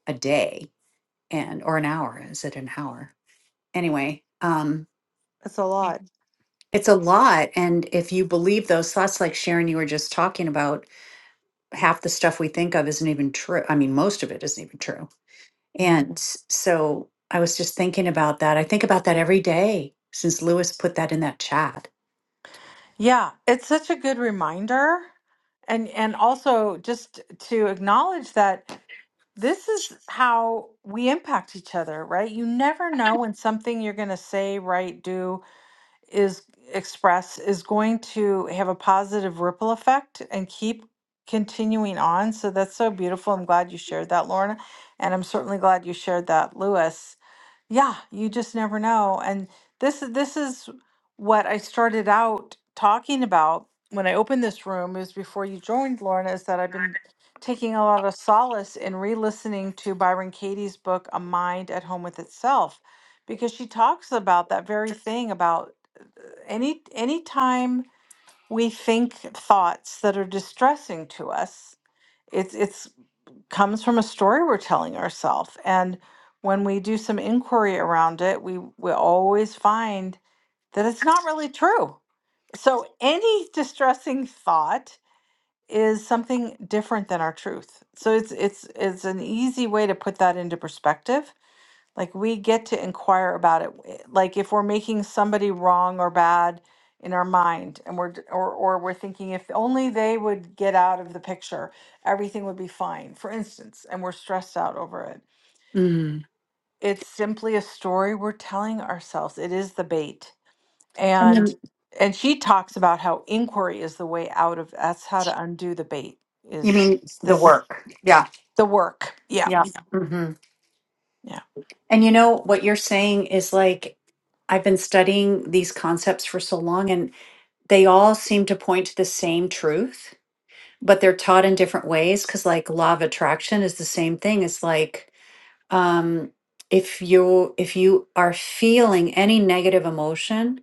[SPEAKER 6] a day and or an hour. Is it an hour? Anyway, um
[SPEAKER 1] it's a lot
[SPEAKER 6] it's a lot and if you believe those thoughts like Sharon you were just talking about, half the stuff we think of isn't even true. I mean, most of it isn't even true.
[SPEAKER 1] Mm.
[SPEAKER 6] And s- so I was just thinking about that. I think about that every day since Lewis put that in that chat.
[SPEAKER 1] yeah, it's such a good reminder. And and also just to acknowledge that this is how we impact each other, right? You never know when something you're going to say, write, do, is express is going to have a positive ripple effect and keep continuing on. So that's so beautiful. I'm glad you shared that, Lorna. And I'm certainly glad you shared that, Lewis. Yeah, you just never know. And this is this is what I started out talking about when I opened this room is before you joined, Lauren, is that I've been taking a lot of solace in re-listening to Byron Katie's book, A Mind at Home with Itself, because she talks about that very thing about any any time we think thoughts that are distressing to us, it's it's comes from a story we're telling ourselves. And when we do some inquiry around it, we, we always find that it's not really true. So any distressing thought is something different than our truth. So it's it's it's an easy way to put that into perspective like we get to inquire about it. eh, Like if we're making somebody wrong or bad in our mind and we're d- or or we're thinking if only they would get out of the picture, everything would be fine. For instance, and we're stressed out over it.
[SPEAKER 6] Mm.
[SPEAKER 1] It's simply a story we're telling ourselves. It is the bait.
[SPEAKER 6] And
[SPEAKER 1] And
[SPEAKER 6] then
[SPEAKER 1] and she talks about how inquiry is the way out of that's how to undo the bait
[SPEAKER 6] you
[SPEAKER 1] is
[SPEAKER 6] mean
[SPEAKER 1] is
[SPEAKER 6] the
[SPEAKER 1] this
[SPEAKER 6] work. yeah.
[SPEAKER 1] the work. Yeah.
[SPEAKER 6] Yeah. hmm
[SPEAKER 1] Yeah.
[SPEAKER 6] And you know, what you're saying is like, I've been studying these concepts for so long, and they all seem to point to the same truth, but they're taught in different ways. Cause like law of attraction is the same thing. It's like, um, if you if you are feeling any negative emotion,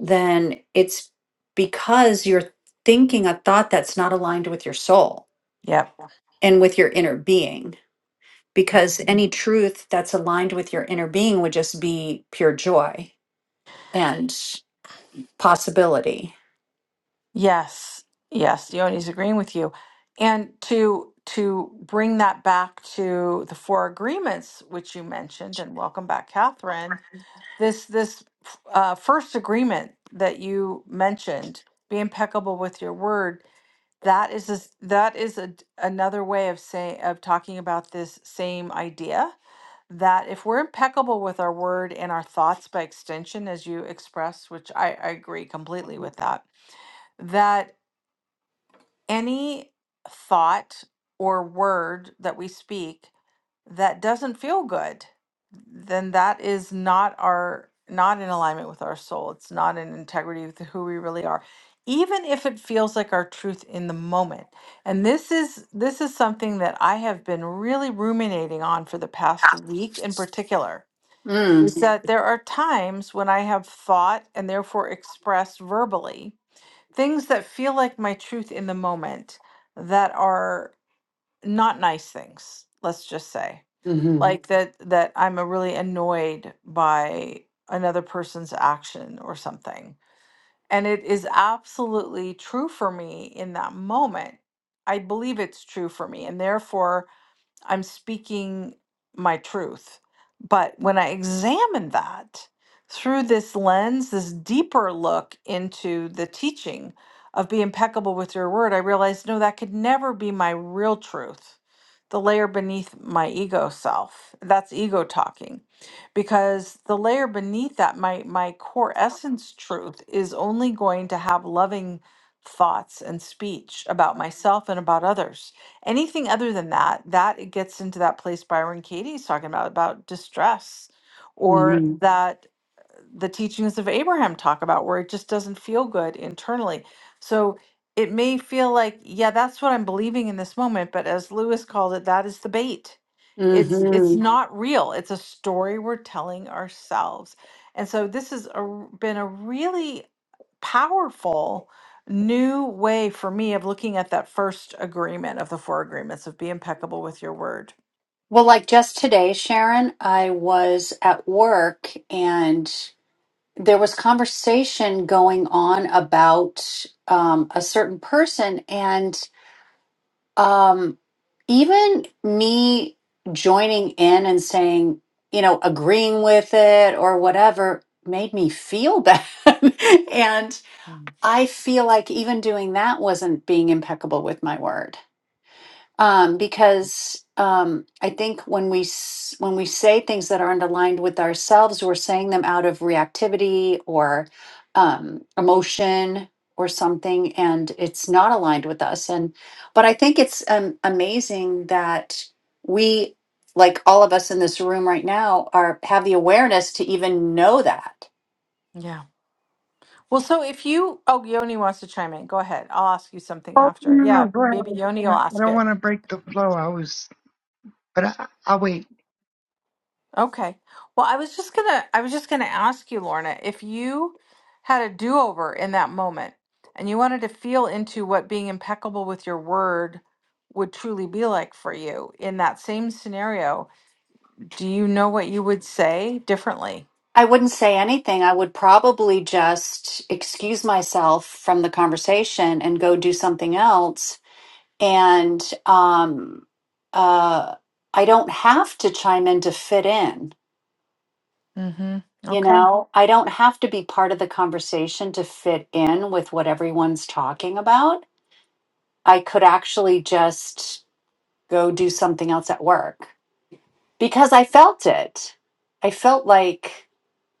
[SPEAKER 6] then it's because you're thinking a thought that's not aligned with your soul
[SPEAKER 1] Yeah.
[SPEAKER 6] and with your inner being. because any truth that's aligned with your inner being would just be pure joy and possibility.
[SPEAKER 1] Yes, yes, Yoni's agreeing with you. And to to bring that back to the four agreements which you mentioned, and welcome back, Catherine. This this uh, first agreement that you mentioned, be impeccable with your word. That is a, that is a, another way of saying of talking about this same idea that if we're impeccable with our word and our thoughts by extension, as you expressed, which I, I agree completely with that, that any thought or word that we speak that doesn't feel good, then that is not our not in alignment with our soul. It's not in integrity with who we really are. Even if it feels like our truth in the moment. And this is this is something that I have been really ruminating on for the past week in particular. Is
[SPEAKER 6] Mm,
[SPEAKER 1] Mhm. that there are times when I have thought and therefore expressed verbally things that feel like my truth in the moment that are not nice things let's just say
[SPEAKER 6] hmm
[SPEAKER 1] like Mhm. that that i'm a really annoyed by another person's action or something and it is absolutely true for me in that moment i believe it's true for me and therefore I'm speaking my truth. But when I examine that through this lens, this deeper look into the teaching of be impeccable with your word, I realized no, that could never be my real truth, the layer beneath my ego self. That's ego talking. Because the layer beneath that, my my core essence truth is only going to have loving thoughts and speech about myself and about others Anything other than that, that it gets into that place Byron Katie's talking about, about distress, or
[SPEAKER 6] hmm
[SPEAKER 1] Mhm. that the teachings of Abraham talk about where it just doesn't feel good internally. So it may feel like, yeah, that's what I'm believing in this moment, but as Lewis called it, that is the bait. It's Mhm. it's
[SPEAKER 6] hmm
[SPEAKER 1] not real. It's a story we're telling ourselves. And so this has a r- been a really powerful new way for me of looking at that first agreement of the four agreements of be impeccable with your word.
[SPEAKER 6] Well, like just today, Sharon, I was at work and there was conversation going on about um, a certain person. um even me joining in and saying you know agreeing with it or whatever made me feel bad <laughs> and i feel like even doing that wasn't being impeccable with my word um, because um, I think when we s- when we say things that aren't aligned with ourselves, we're saying them out of reactivity or um, emotion or something, and it's not aligned with us. And but I think it's um, amazing that we, like all of us in this room right now, are have the awareness to even know that.
[SPEAKER 1] Yeah. Well, so if you, oh, Yoni wants to chime in. Go ahead. I'll ask you something
[SPEAKER 4] Oh
[SPEAKER 1] after.
[SPEAKER 4] no, no, no,
[SPEAKER 1] Yeah,
[SPEAKER 4] go
[SPEAKER 1] maybe Yoni will
[SPEAKER 4] ahead. I
[SPEAKER 1] ask
[SPEAKER 4] don't
[SPEAKER 1] it.
[SPEAKER 4] want to break the flow. I was, but I, I'll wait.
[SPEAKER 1] Okay. Well, I was just gonna, I was just gonna ask you, Lorna, if you had a do-over in that moment and you wanted to feel into what being impeccable with your word would truly be like for you in that same scenario, do you know what you would say differently?
[SPEAKER 6] I wouldn't say anything. I would probably just excuse myself from the conversation and go do something else and um uh i don't have to chime in to fit in
[SPEAKER 1] Mm-hmm.
[SPEAKER 6] you
[SPEAKER 1] Okay.
[SPEAKER 6] know i don't have to be part of the conversation to fit in with what everyone's talking about i could actually just go do something else at work because i felt it i felt like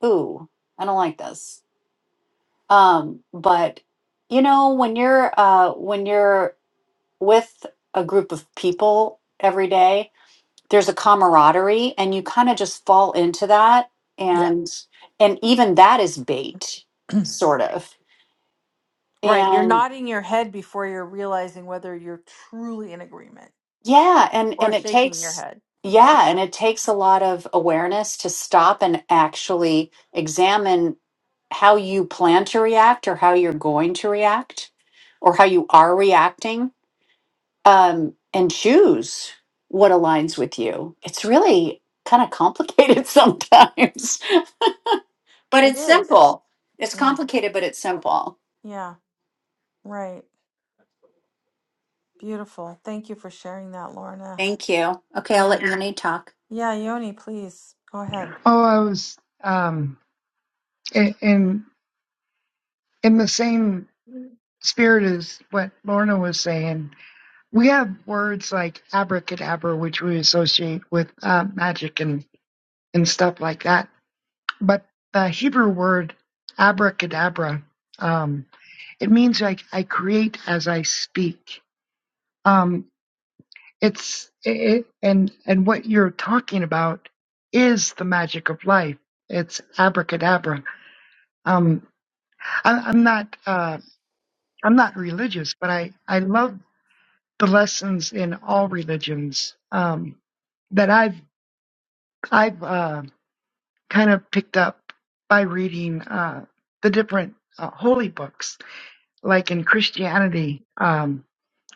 [SPEAKER 6] ooh i don't like this um but you know when you're uh when you're with a group of people every day there's a camaraderie and you kind of just fall into that
[SPEAKER 1] Yeah.
[SPEAKER 6] and and even that is bait sort of
[SPEAKER 1] Right. You're
[SPEAKER 6] and
[SPEAKER 1] nodding your head before you're realizing whether you're truly in agreement.
[SPEAKER 6] yeah and
[SPEAKER 1] or
[SPEAKER 6] and it
[SPEAKER 1] shaking your
[SPEAKER 6] takes
[SPEAKER 1] head. <laughs> Yeah,
[SPEAKER 6] yeah and it takes a lot of awareness to stop and actually examine how you plan to react or how you're going to react or how you are reacting um and choose what aligns with you it's really kind of complicated <laughs> sometimes But
[SPEAKER 1] it
[SPEAKER 6] it's
[SPEAKER 1] is.
[SPEAKER 6] simple. It's
[SPEAKER 1] Yeah,
[SPEAKER 6] complicated, but it's simple.
[SPEAKER 1] yeah, right. Beautiful. Thank you for sharing that, Lorna.
[SPEAKER 6] Thank you. Okay, I'll
[SPEAKER 1] Yeah,
[SPEAKER 6] let Renee talk.
[SPEAKER 1] yeah, Yoni, please go ahead.
[SPEAKER 4] Oh, I was um in in the same spirit as what Lorna was saying. we have words like abracadabra, which we associate with uh, magic and, and stuff like that. But the Hebrew word abracadabra, um, it means like I create as I speak. Um, it's it, and and what you're talking about is the magic of life. It's abracadabra. Um, I, I'm not uh, I'm not religious, but I I love the lessons in all religions. Um, that I've I've uh, kind of picked up by reading uh, the different uh, holy books. Like in Christianity, um,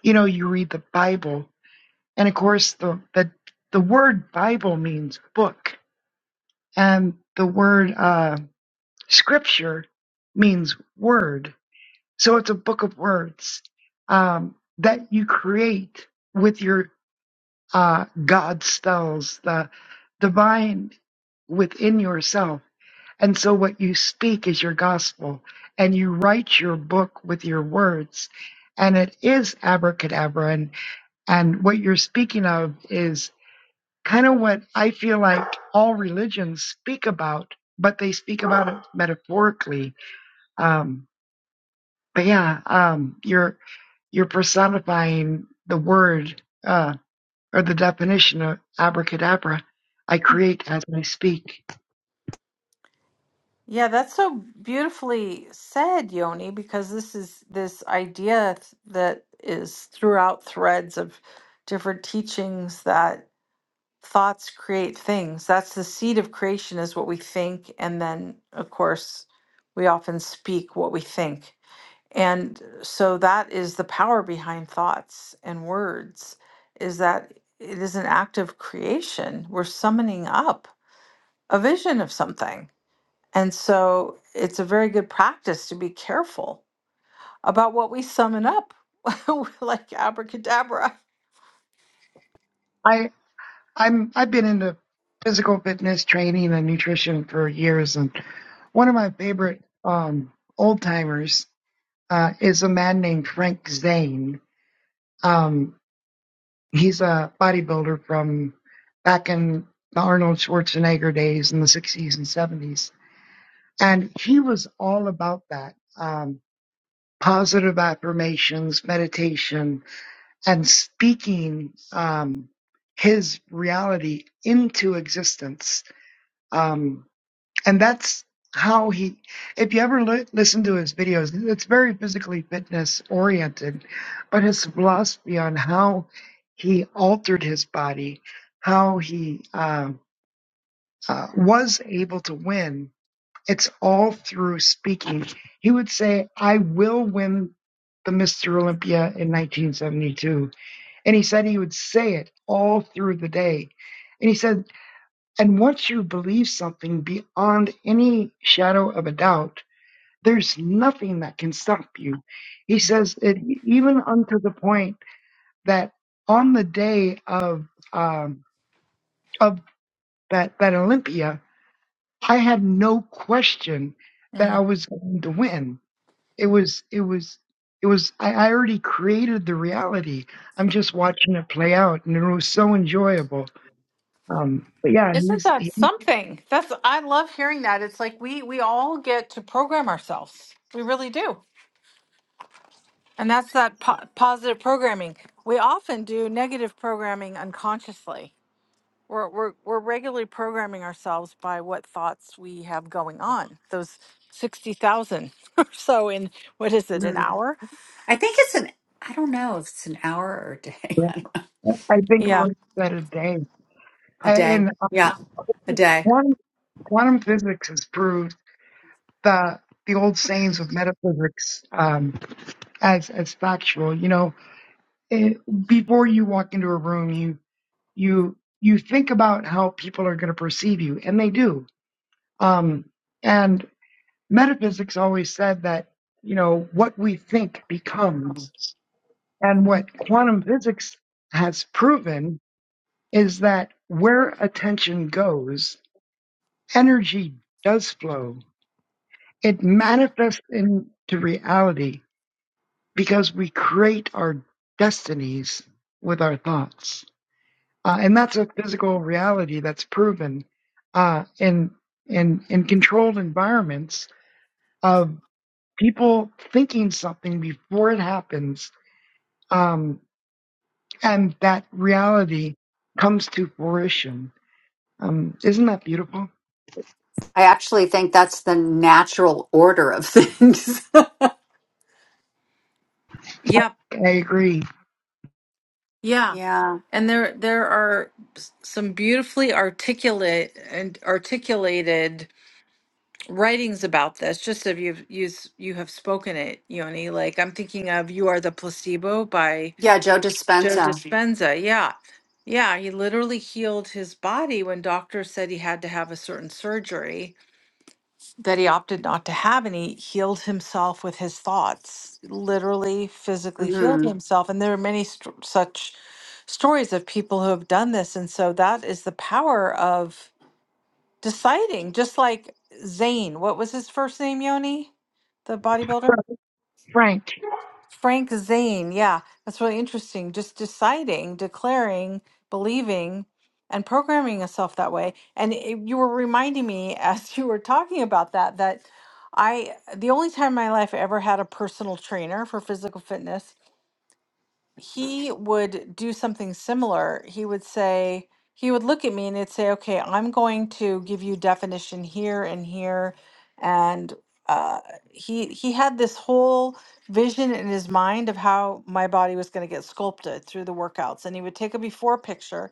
[SPEAKER 4] you know, you read the Bible, and of course, the the, the word Bible means book, and the word uh, Scripture means word. So it's a book of words um, that you create with your uh, God spells, the divine within yourself And so what you speak is your gospel, and you write your book with your words, and it is abracadabra. And, and what you're speaking of is kind of what I feel like all religions speak about, but they speak about it metaphorically. Um, but yeah, um, you're you're personifying the word uh, or the definition of abracadabra. I create as I speak.
[SPEAKER 1] Yeah, that's so beautifully said, Yoni, because this is this idea th- that is throughout threads of different teachings that thoughts create things. That's the seed of creation, is what we think. And then, of course, we often speak what we think. And so that is the power behind thoughts and words is that it is an act of creation. We're summoning up a vision of something. And so it's a very good practice to be careful about what we summon up, <laughs> like abracadabra.
[SPEAKER 4] I. I'm I've been into physical fitness training and nutrition for years, and one of my favorite um, old timers uh, is a man named Frank Zane. Um, he's a bodybuilder from back in the Arnold Schwarzenegger days in the 60s and 70s, and he was all about that. Um, positive affirmations, meditation, and speaking um, his reality into existence. Um, and that's how he if you ever li- listen to his videos it's very physically fitness oriented but his philosophy on how he altered his body how he uh, uh, was able to win it's all through speaking he would say i will win the mr olympia in 1972 and he said he would say it all through the day and he said. And once you believe something beyond any shadow of a doubt, there's nothing that can stop you. He says it even unto the point that on the day of um, of that that Olympia, I had no question that I
[SPEAKER 1] Mm.
[SPEAKER 4] was going to win. It was it was it was I, I already created the reality. I'm just watching it play out, and it was so enjoyable. Um, but yeah,
[SPEAKER 1] Isn't
[SPEAKER 4] he's,
[SPEAKER 1] that
[SPEAKER 4] he's
[SPEAKER 1] something? That's I love hearing that. It's like we we all get to program ourselves. We really do. And that's that po- positive programming. We often do negative programming unconsciously. We're, we're, we're regularly programming ourselves by what thoughts we have going on, those 60,000 <laughs> or so in, what is it, an
[SPEAKER 6] Mhm.
[SPEAKER 1] hour?
[SPEAKER 6] I think it's an, I don't know if it's an hour or a day. <laughs>
[SPEAKER 4] I think
[SPEAKER 1] Yeah.
[SPEAKER 4] Lord said a day.
[SPEAKER 6] A
[SPEAKER 4] I,
[SPEAKER 6] day.
[SPEAKER 4] and
[SPEAKER 6] Yeah, a
[SPEAKER 4] uh,
[SPEAKER 6] day.
[SPEAKER 4] quantum, quantum physics has proved the the old sayings of metaphysics um, as as factual. You know, it, before you walk into a room, you you you think about how people are going to perceive you, and they do. Um, and metaphysics always said that you know what we think becomes, and what quantum physics has proven is that where attention goes, energy does flow It manifests into reality because we create our destinies with our thoughts. Uh, and that's a physical reality that's proven uh, in, in, in controlled environments of people thinking something before it happens. Um, and that reality comes to fruition. Um, isn't that beautiful?
[SPEAKER 6] I actually think that's the natural order of things. <laughs>
[SPEAKER 1] Yep.
[SPEAKER 4] I agree.
[SPEAKER 1] Yeah.
[SPEAKER 6] yeah.
[SPEAKER 1] And there, there are s- some beautifully articulate and articulated writings about this. Just if you've, you, you have spoken it, Yoni, like I'm thinking of You Are the Placebo by
[SPEAKER 6] Yeah, Joe
[SPEAKER 1] Joe
[SPEAKER 6] Dispenza.
[SPEAKER 1] Dispenza, yeah. Yeah, he literally healed his body when doctors said he had to have a certain surgery that he opted not to have, and he healed himself with his thoughts, literally, physically healed
[SPEAKER 6] Mm-hmm.
[SPEAKER 1] himself. And there are many st- such stories of people who have done this. And so that is the power of deciding, just like Zane. What was his first name, Yoni? The bodybuilder?
[SPEAKER 4] Frank,
[SPEAKER 1] Frank Zane, yeah, that's really interesting. Just deciding, declaring, believing, and programming yourself that way. And it, you were reminding me <laughs> as you were talking about that that I the only time in my life I ever had a personal trainer for physical fitness he would do something similar. He would say, he would look at me and he'd say, okay, I'm going to give you definition here and here. And uh, he he had this whole vision in his mind of how my body was going to get sculpted through the workouts. And he would take a before picture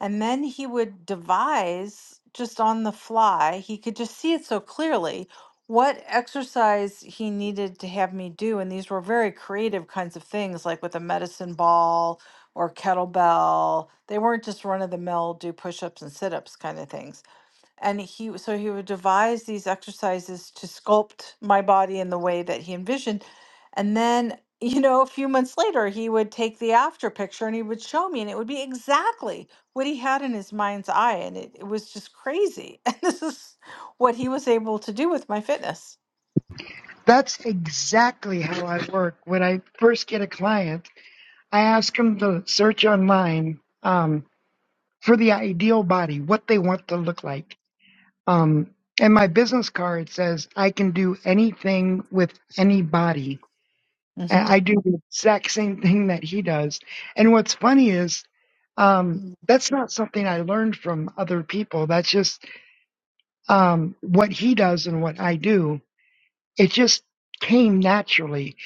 [SPEAKER 1] and then he would devise just on the fly. He could just see it so clearly what exercise he needed to have me do. And these were very creative kinds of things, like with a medicine ball or kettlebell. They weren't just run of the mill, do push ups and sit ups kind of things and he so he would devise these exercises to sculpt my body in the way that he envisioned and then <laughs> you know a few months later he would take the after picture and he would show me and it would be exactly what he had in his mind's eye and it, it was just crazy <laughs> and this is what he was able to do with my fitness
[SPEAKER 4] that's exactly how I work. When I first get a client, I ask them to search online um, for the ideal body, what they want to look like. Um, and my business card says I can do anything with any body. And
[SPEAKER 1] hmm
[SPEAKER 4] I do the exact same thing that he does. And what's funny is um, that's not something I learned from other people. That's just um, what he does and what I do. It just came naturally.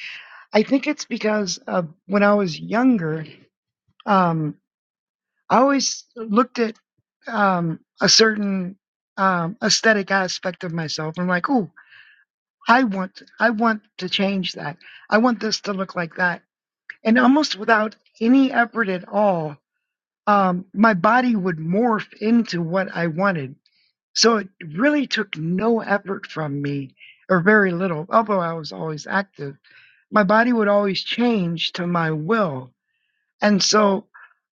[SPEAKER 4] I think it's because uh, when I was younger, um, I always looked at um, a certain um, aesthetic aspect of myself. I'm like, oh, I want, I want to change that. I want this to look like that. And almost without any effort at all, um, my body would morph into what I wanted. So it really took no effort from me, or very little. Although I was always active, my body would always change to my will. And so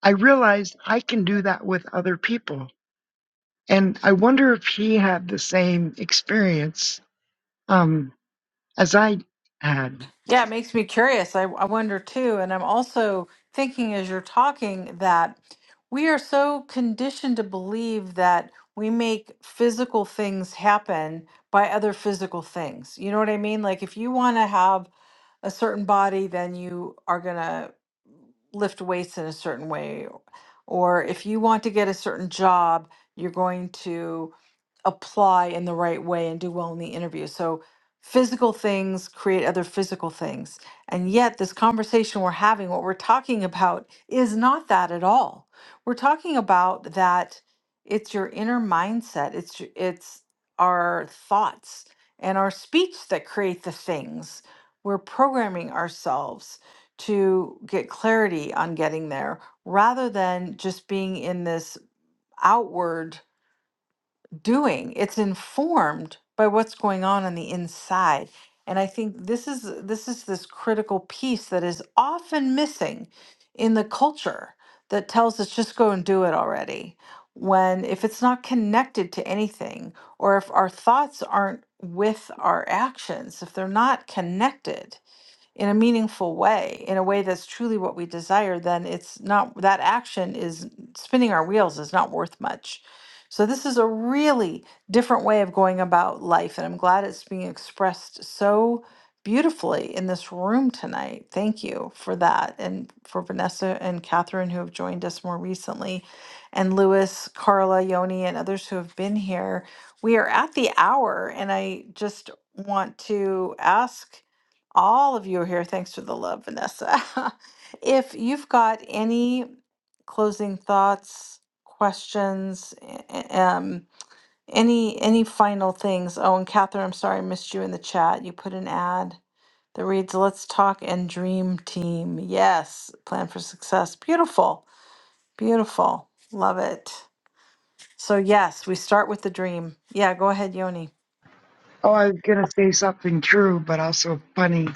[SPEAKER 4] I realized I can do that with other people And I wonder if he had the same experience um, as I had.
[SPEAKER 1] Yeah, it makes me curious. I, I wonder too. And I'm also thinking as you're talking that we are so conditioned to believe that we make physical things happen by other physical things. You know what I mean? Like if you want to have a certain body, then you are going to lift weights in a certain way. Or if you want to get a certain job, you're going to apply in the right way and do well in the interview. So physical things create other physical things. And yet this conversation we're having, what we're talking about is not that at all. We're talking about that it's your inner mindset. It's your- it's our thoughts and our speech that create the things. We're programming ourselves to get clarity on getting there rather than just being in this outward doing. It's informed by what's going on on the inside. And I think this is this is this critical piece that is often missing in the culture that tells us just go and do it already. When if it's not connected to anything or if our thoughts aren't with our actions, if they're not connected, in a meaningful way, in a way that's truly what we desire, then it's not that action is spinning our wheels is not worth much. So, this is a really different way of going about life. And I'm glad it's being expressed so beautifully in this room tonight. Thank you for that. And for Vanessa and Catherine, who have joined us more recently, and Lewis, Carla, Yoni, and others who have been here. We are at the hour, and I just want to ask all of you are here. Thanks for the love, Vanessa. <laughs> if you've got any closing thoughts, questions, a- a- um, any any final things. Oh, and Catherine, I'm sorry I missed you in the chat. You put an ad that reads, "Let's talk and dream team." Yes, plan for success. Beautiful, beautiful, love it. So yes, we start with the dream. Yeah, go ahead, Yoni.
[SPEAKER 4] Oh, I was going to say something true, but also funny.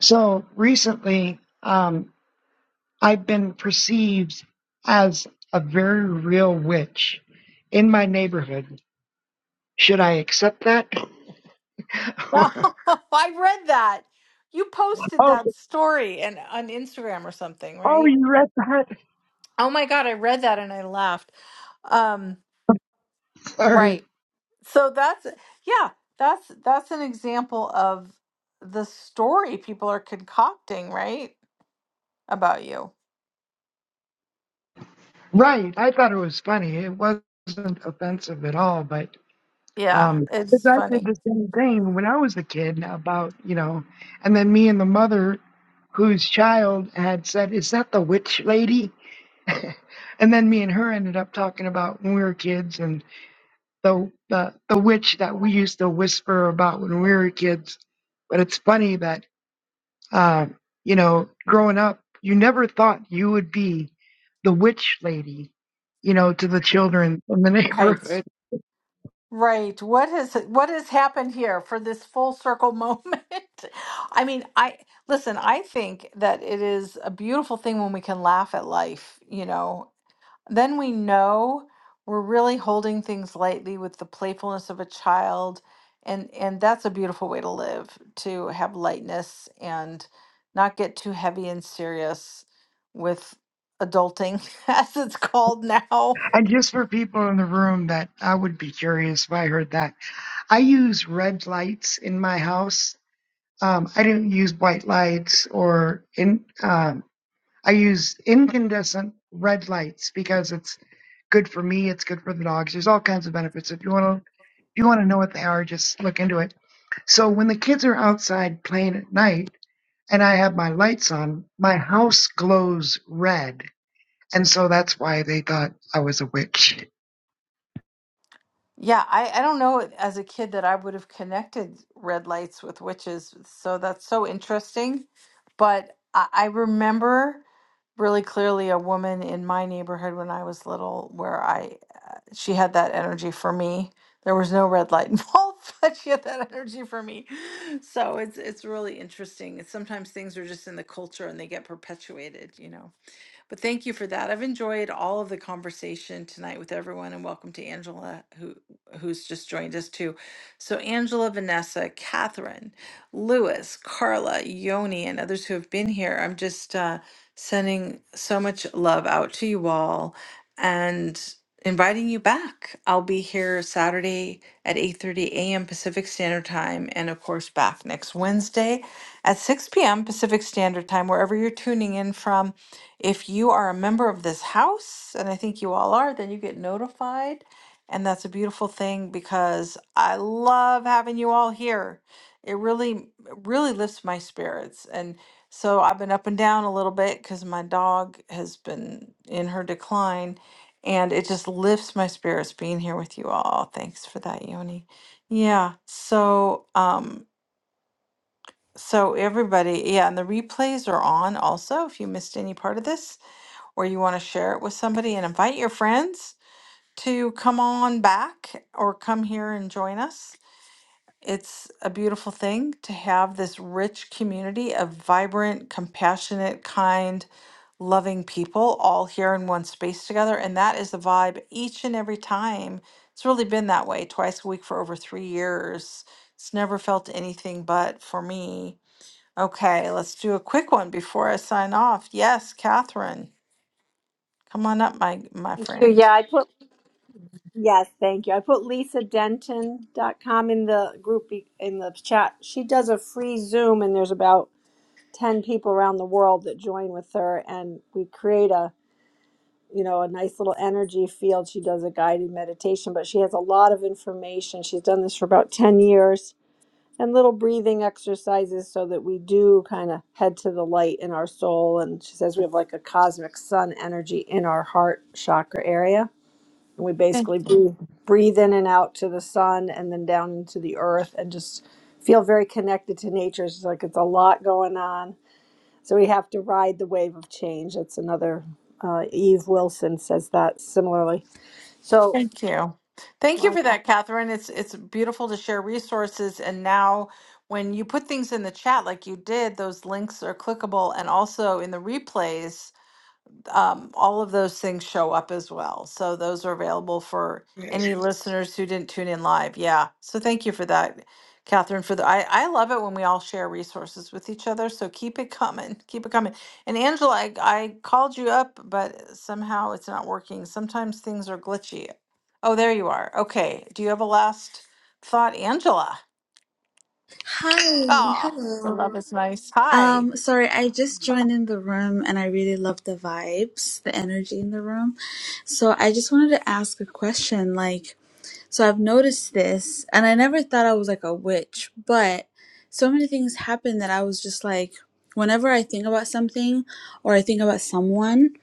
[SPEAKER 4] So recently, um, I've been perceived as a very real witch in my neighborhood. Should I accept that?
[SPEAKER 1] <laughs>
[SPEAKER 4] <laughs> or,
[SPEAKER 1] I read that. You posted
[SPEAKER 4] oh,
[SPEAKER 1] that story and on Instagram or something,
[SPEAKER 4] oh,
[SPEAKER 1] right?
[SPEAKER 4] you read that? <laughs>
[SPEAKER 1] Oh my God, I read that and I laughed. Um,
[SPEAKER 4] Sorry.
[SPEAKER 1] right. So that's yeah, that's that's an example of the story people are concocting, right? About you.
[SPEAKER 4] Right. I thought it was funny. It wasn't offensive at all, but
[SPEAKER 1] Yeah,
[SPEAKER 4] Um, 'cause
[SPEAKER 1] it's
[SPEAKER 4] I did
[SPEAKER 1] funny.
[SPEAKER 4] the same thing when I was a kid about, you know, and then me and the mother whose child had said, Is that the witch lady? <laughs> and then me and her ended up talking about when we were kids and the, the the witch that we used to whisper about when we were kids. But it's funny that uh, you know, growing up, you never thought you would be the witch lady, you know, to the children in the <laughs>
[SPEAKER 1] right?
[SPEAKER 4] neighborhood
[SPEAKER 1] Right. What has what has happened here for this full circle moment? <laughs> I mean, I listen, I think that it is a beautiful thing when we can laugh at life, you know. Then we know we're really holding things lightly with the playfulness of a child and and that's a beautiful way to live, to have lightness and not get too heavy and serious with adulting <laughs> as it's called now.
[SPEAKER 4] And just for people in the room that I would be curious if I heard that, I use red lights in my house. Um, I didn't use white lights or in. Um, I use incandescent red lights because it's good for me. It's good for the dogs. There's all kinds of benefits. If you want to, if you want to know what they are, just look into it. So when the kids are outside playing at night and I have my lights on, my house glows red, and so that's why they thought I was a witch.
[SPEAKER 1] Yeah, I, I don't know as a kid that I would have connected red lights with witches. So that's so interesting. But I, I remember really clearly a woman in my neighborhood when I was little where I uh, she had that energy for me. There was no red light involved, <laughs> but she had that energy for me. So it's it's really interesting. It's sometimes things are just in the culture and they get perpetuated, you know. But thank you for that. I've enjoyed all of the conversation tonight with everyone, and welcome to Angela, who who's just joined us too. So Angela, Vanessa, Catherine, Lewis, Carla, Yoni, and others who have been here. I'm just uh, sending so much love out to you all, and inviting you back. I'll be here Saturday at 8:30 a.m. Pacific Standard Time and of course back next Wednesday at 6 p.m. Pacific Standard Time wherever you're tuning in from if you are a member of this house, and I think you all are, then you get notified. And that's a beautiful thing because I love having you all here. It really, it really lifts my spirits. And so I've been up and down a little bit because my dog has been in her decline. And it just lifts my spirits being here with you all. Thanks for that, Yoni. Yeah. So, um, so everybody, yeah, and the replays are on also if you missed any part of this or you want to share it with somebody and invite your friends to come on back or come here and join us. It's a beautiful thing to have this rich community of vibrant, compassionate, kind, loving people all here in one space together. And that is the vibe each and every time. It's really been that way twice a week for over three years. It's never felt anything but for me. Okay, let's do a quick one before I sign off. Yes, Catherine. Come on up, my my
[SPEAKER 7] Thank you.
[SPEAKER 1] friend.
[SPEAKER 7] Yeah, I put yes, thank you. I put lisadenton.com in the group be- in the chat. She does a free Zoom and there's about 10 people around the world that join with her and we create a, you know, a nice little energy field. She does a guided meditation, but she has a lot of information. She's done this for about 10 years and little breathing exercises so that we do kind of head to the light in our soul and she says we have like a cosmic sun energy in our heart chakra area we
[SPEAKER 1] Thank,
[SPEAKER 7] basically breathe, breathe in and out to the sun and then down into the earth and just feel very connected to nature. It's like it's a lot going on. So we have to ride the wave of change. That's another, uh, Eve Wilson says that similarly. So
[SPEAKER 1] thank you. Thank you
[SPEAKER 7] like,
[SPEAKER 1] for that, Catherine. It's it's beautiful to share resources. And now when you put things in the chat like you did, those links are clickable and also in the replays. um, all of those things show up as well. So those are available for any listeners who didn't tune in live. Yeah. So thank you for that, Catherine. For the I, I love it when we all share resources with each other. So keep it coming. Keep it coming. And Angela, I, I called you up, but somehow it's not working. Sometimes things are glitchy. Oh, there you are. Okay. Do you have a last thought, Angela?
[SPEAKER 8] Hi,
[SPEAKER 1] Ah, the love
[SPEAKER 8] hello.
[SPEAKER 1] is nice. Hi.
[SPEAKER 8] Um, sorry, I just joined in the room and I really love the vibes, the energy in the room. So I just wanted to ask a question. Like, so I've noticed this and I never thought I was like a witch, but so many things happen that I was just like, whenever I think about something or I think about someone,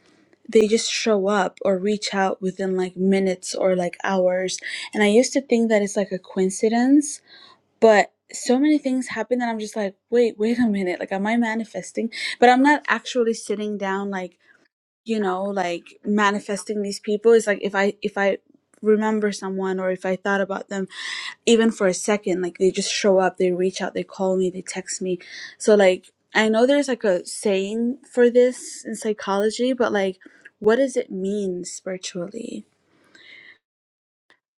[SPEAKER 8] they just show up or reach out within like minutes or like hours. And I used to think that it's like a coincidence but so many things happen that I'm just like, wait, wait a minute. Like, am I manifesting? But I'm not actually sitting down, like, you know, like manifesting these people. It's like if I, if I, remember someone or if i thought about them even for a second like they just show up they reach out they call me they text me so like i know there's like a saying for this in psychology but like what does it mean spiritually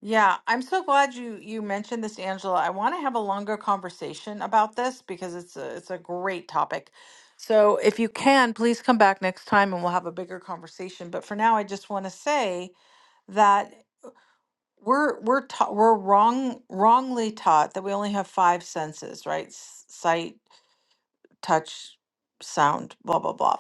[SPEAKER 1] Yeah, I'm so glad you you mentioned this, Angela. I want to have a longer conversation about this because it's a it's a great topic. So if you can, please come back next time and we'll have a bigger conversation. But for now, I just want to say that we're we're taught we're wrong wrongly taught that we only have five senses, right? S- Sight, touch, sound, blah, blah, blah.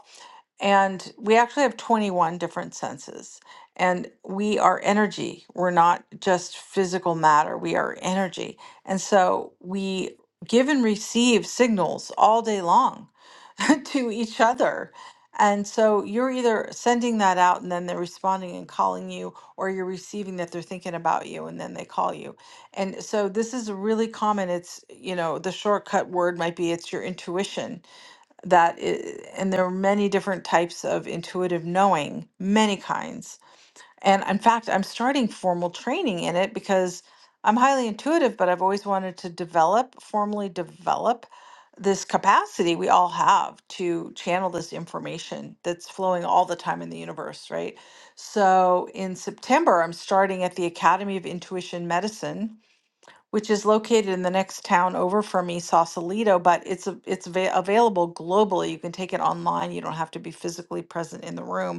[SPEAKER 1] And we actually have 21 different senses. And we are energy. We're not just physical matter, we are energy. And so we give and receive signals all day long <laughs> to each other. And so you're either sending that out and then they're responding and calling you, or you're receiving that they're thinking about you and then they call you and so this is really common. It's, you know, the shortcut word might be it's your intuition that i and there are many different types of intuitive knowing, many kinds. And in fact, I'm starting formal training in it because I'm highly intuitive, but I've always wanted to develop, formally develop this capacity we all have to channel this information that's flowing all the time in the universe, right? So in September, I'm starting at the Academy of Intuition Medicine which is located in the next town over from me, Sausalito, but it's a- it's ava- available globally. You can take it online. You don't have to be physically present in the room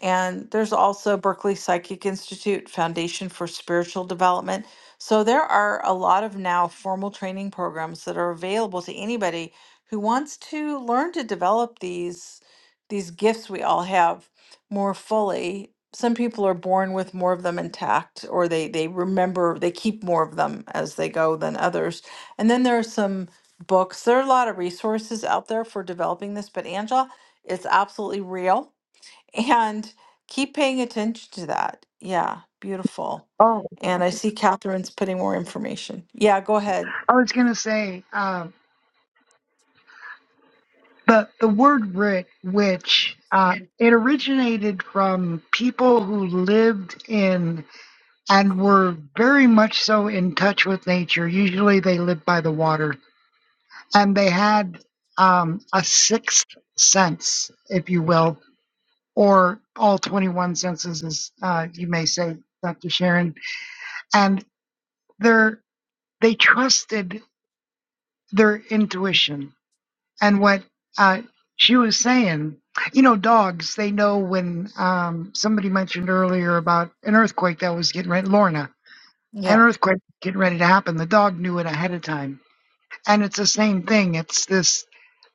[SPEAKER 1] and there's also Berkeley Psychic Institute Foundation for Spiritual Development. So there are a lot of now formal training programs that are available to anybody who wants to learn to develop these these gifts we all have more fully. Some people are born with more of them intact or they they remember they keep more of them as they go than others. And then there are some books. There are a lot of resources out there for developing this, but Angela, it's absolutely real and keep paying attention to that. Yeah, beautiful. And I see Catherine's putting more information. Yeah, go ahead.
[SPEAKER 4] I was going to say, um, the the word "rick," which uh, it originated from people who lived in and were very much so in touch with nature. Usually, they lived by the water, and they had um, a sixth sense, if you will, or all twenty-one senses, as uh, you may say, Dr. Sharon, and they're they trusted their intuition and what uh, she was saying. You know, dogs, they know when um, somebody mentioned earlier about an earthquake that was getting ready, Lorna, an
[SPEAKER 1] Yeah,
[SPEAKER 4] earthquake getting ready to happen. The dog knew it ahead of time. And it's the same thing. It's this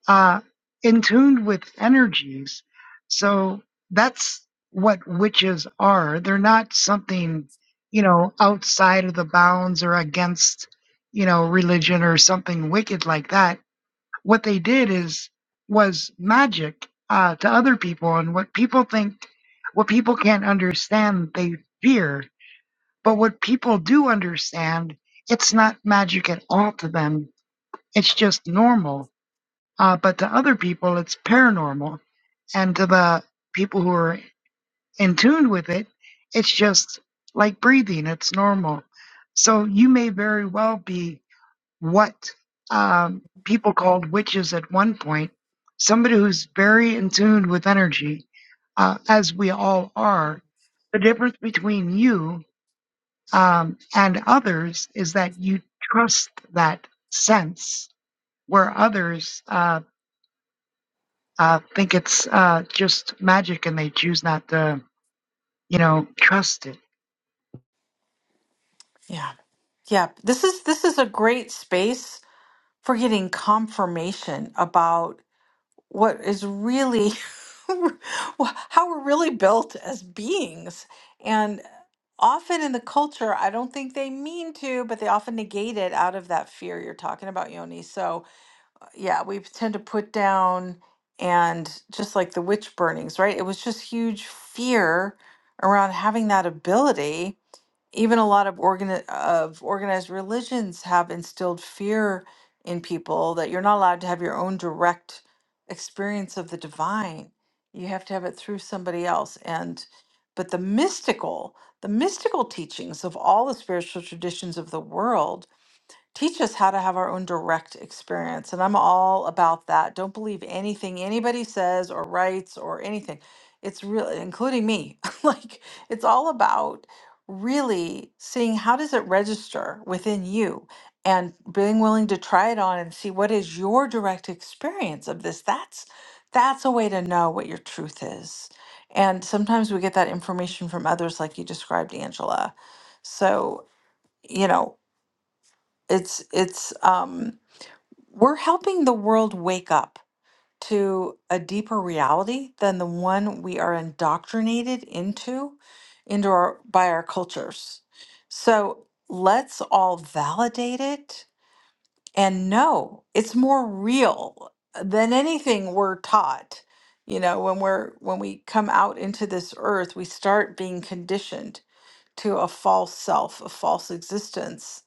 [SPEAKER 4] uh, in tuned with energies. So that's what witches are. They're not something, you know, outside of the bounds or against, you know, religion or something wicked like that what they did is was magic uh, to other people and what people think what people can't understand they fear but what people do understand it's not magic at all to them it's just normal uh, but to other people it's paranormal and to the people who are in tune with it it's just like breathing it's normal so you may very well be what um, people called witches at one point, somebody who's very in tune with energy, uh, as we all are. The difference between you um, and others is that you trust that sense, where others uh, uh, think it's uh, just magic and they choose not to, you know, trust it.
[SPEAKER 1] yeah, yeah. This is this is a great space for getting confirmation about what is really <laughs> wh- how we're really built as beings. And often in the culture, I don't think they mean to, but they often negate it out of that fear you're talking about, Yoni. So yeah, we tend to put down and just like the witch burnings, right? It was just huge fear around having that ability. Even a lot of organi- of organized religions have instilled fear in people that you're not allowed to have your own direct experience of the divine. You have to have it through somebody else. And but the mystical, the mystical teachings of all the spiritual traditions of the world teach us how to have our own direct experience. And I'm all about that. Don't believe anything anybody says or writes or anything. It's really, including me, <laughs> like it's all about really seeing how does it register within you and being willing to try it on and see what is your direct experience of this. That's that's a way to know what your truth is. And sometimes we get that information from others like you described, Angela. So, you know, it's it's um we're helping the world wake up to a deeper reality than the one we are indoctrinated into into our by our cultures. So let's all validate it and know it's more real than anything we're taught. You know, when we're when we come out into this earth, we start being conditioned to a false self, a false existence,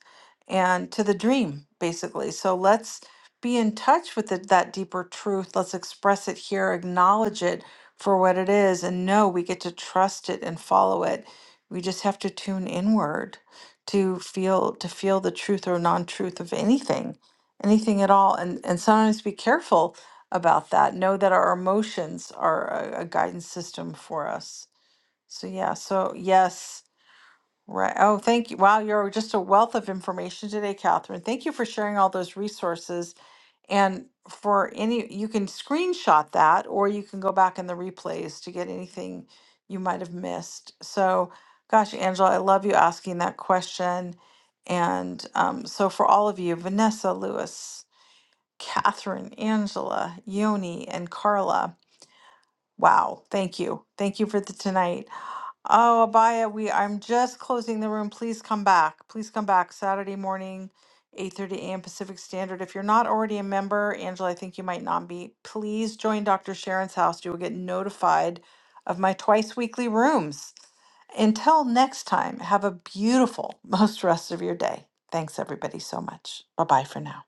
[SPEAKER 1] and to the dream, basically. So let's be in touch with it, that deeper truth. Let's express it here, acknowledge it for what it is, and know we get to trust it and follow it. We just have to tune inward to feel to feel the truth or non-truth of anything, anything at all, and and sometimes be careful about that. Know that our emotions are a, a guidance system for us. So yeah, so yes, Right. Oh, thank you. Wow, you're just a wealth of information today, Catherine. Thank you for sharing all those resources. And for any, you can screenshot that or you can go back in the replays to get anything you might have missed. So, gosh, Angela, I love you asking that question. And um, so, for all of you, Vanessa, Lewis, Catherine, Angela, Yoni, and Carla, wow, thank you. Thank you for the tonight. Oh, Abaya, we I'm just closing the room. Please come back. Please come back Saturday morning, 8:30 a.m. Pacific Standard. If you're not already a member, Angela, I think you might not be. Please join Dr. Sharon's house. You will get notified of my twice weekly rooms. Until next time, have a beautiful <laughs> most rest of your day. Thanks everybody so much. Bye-bye for now.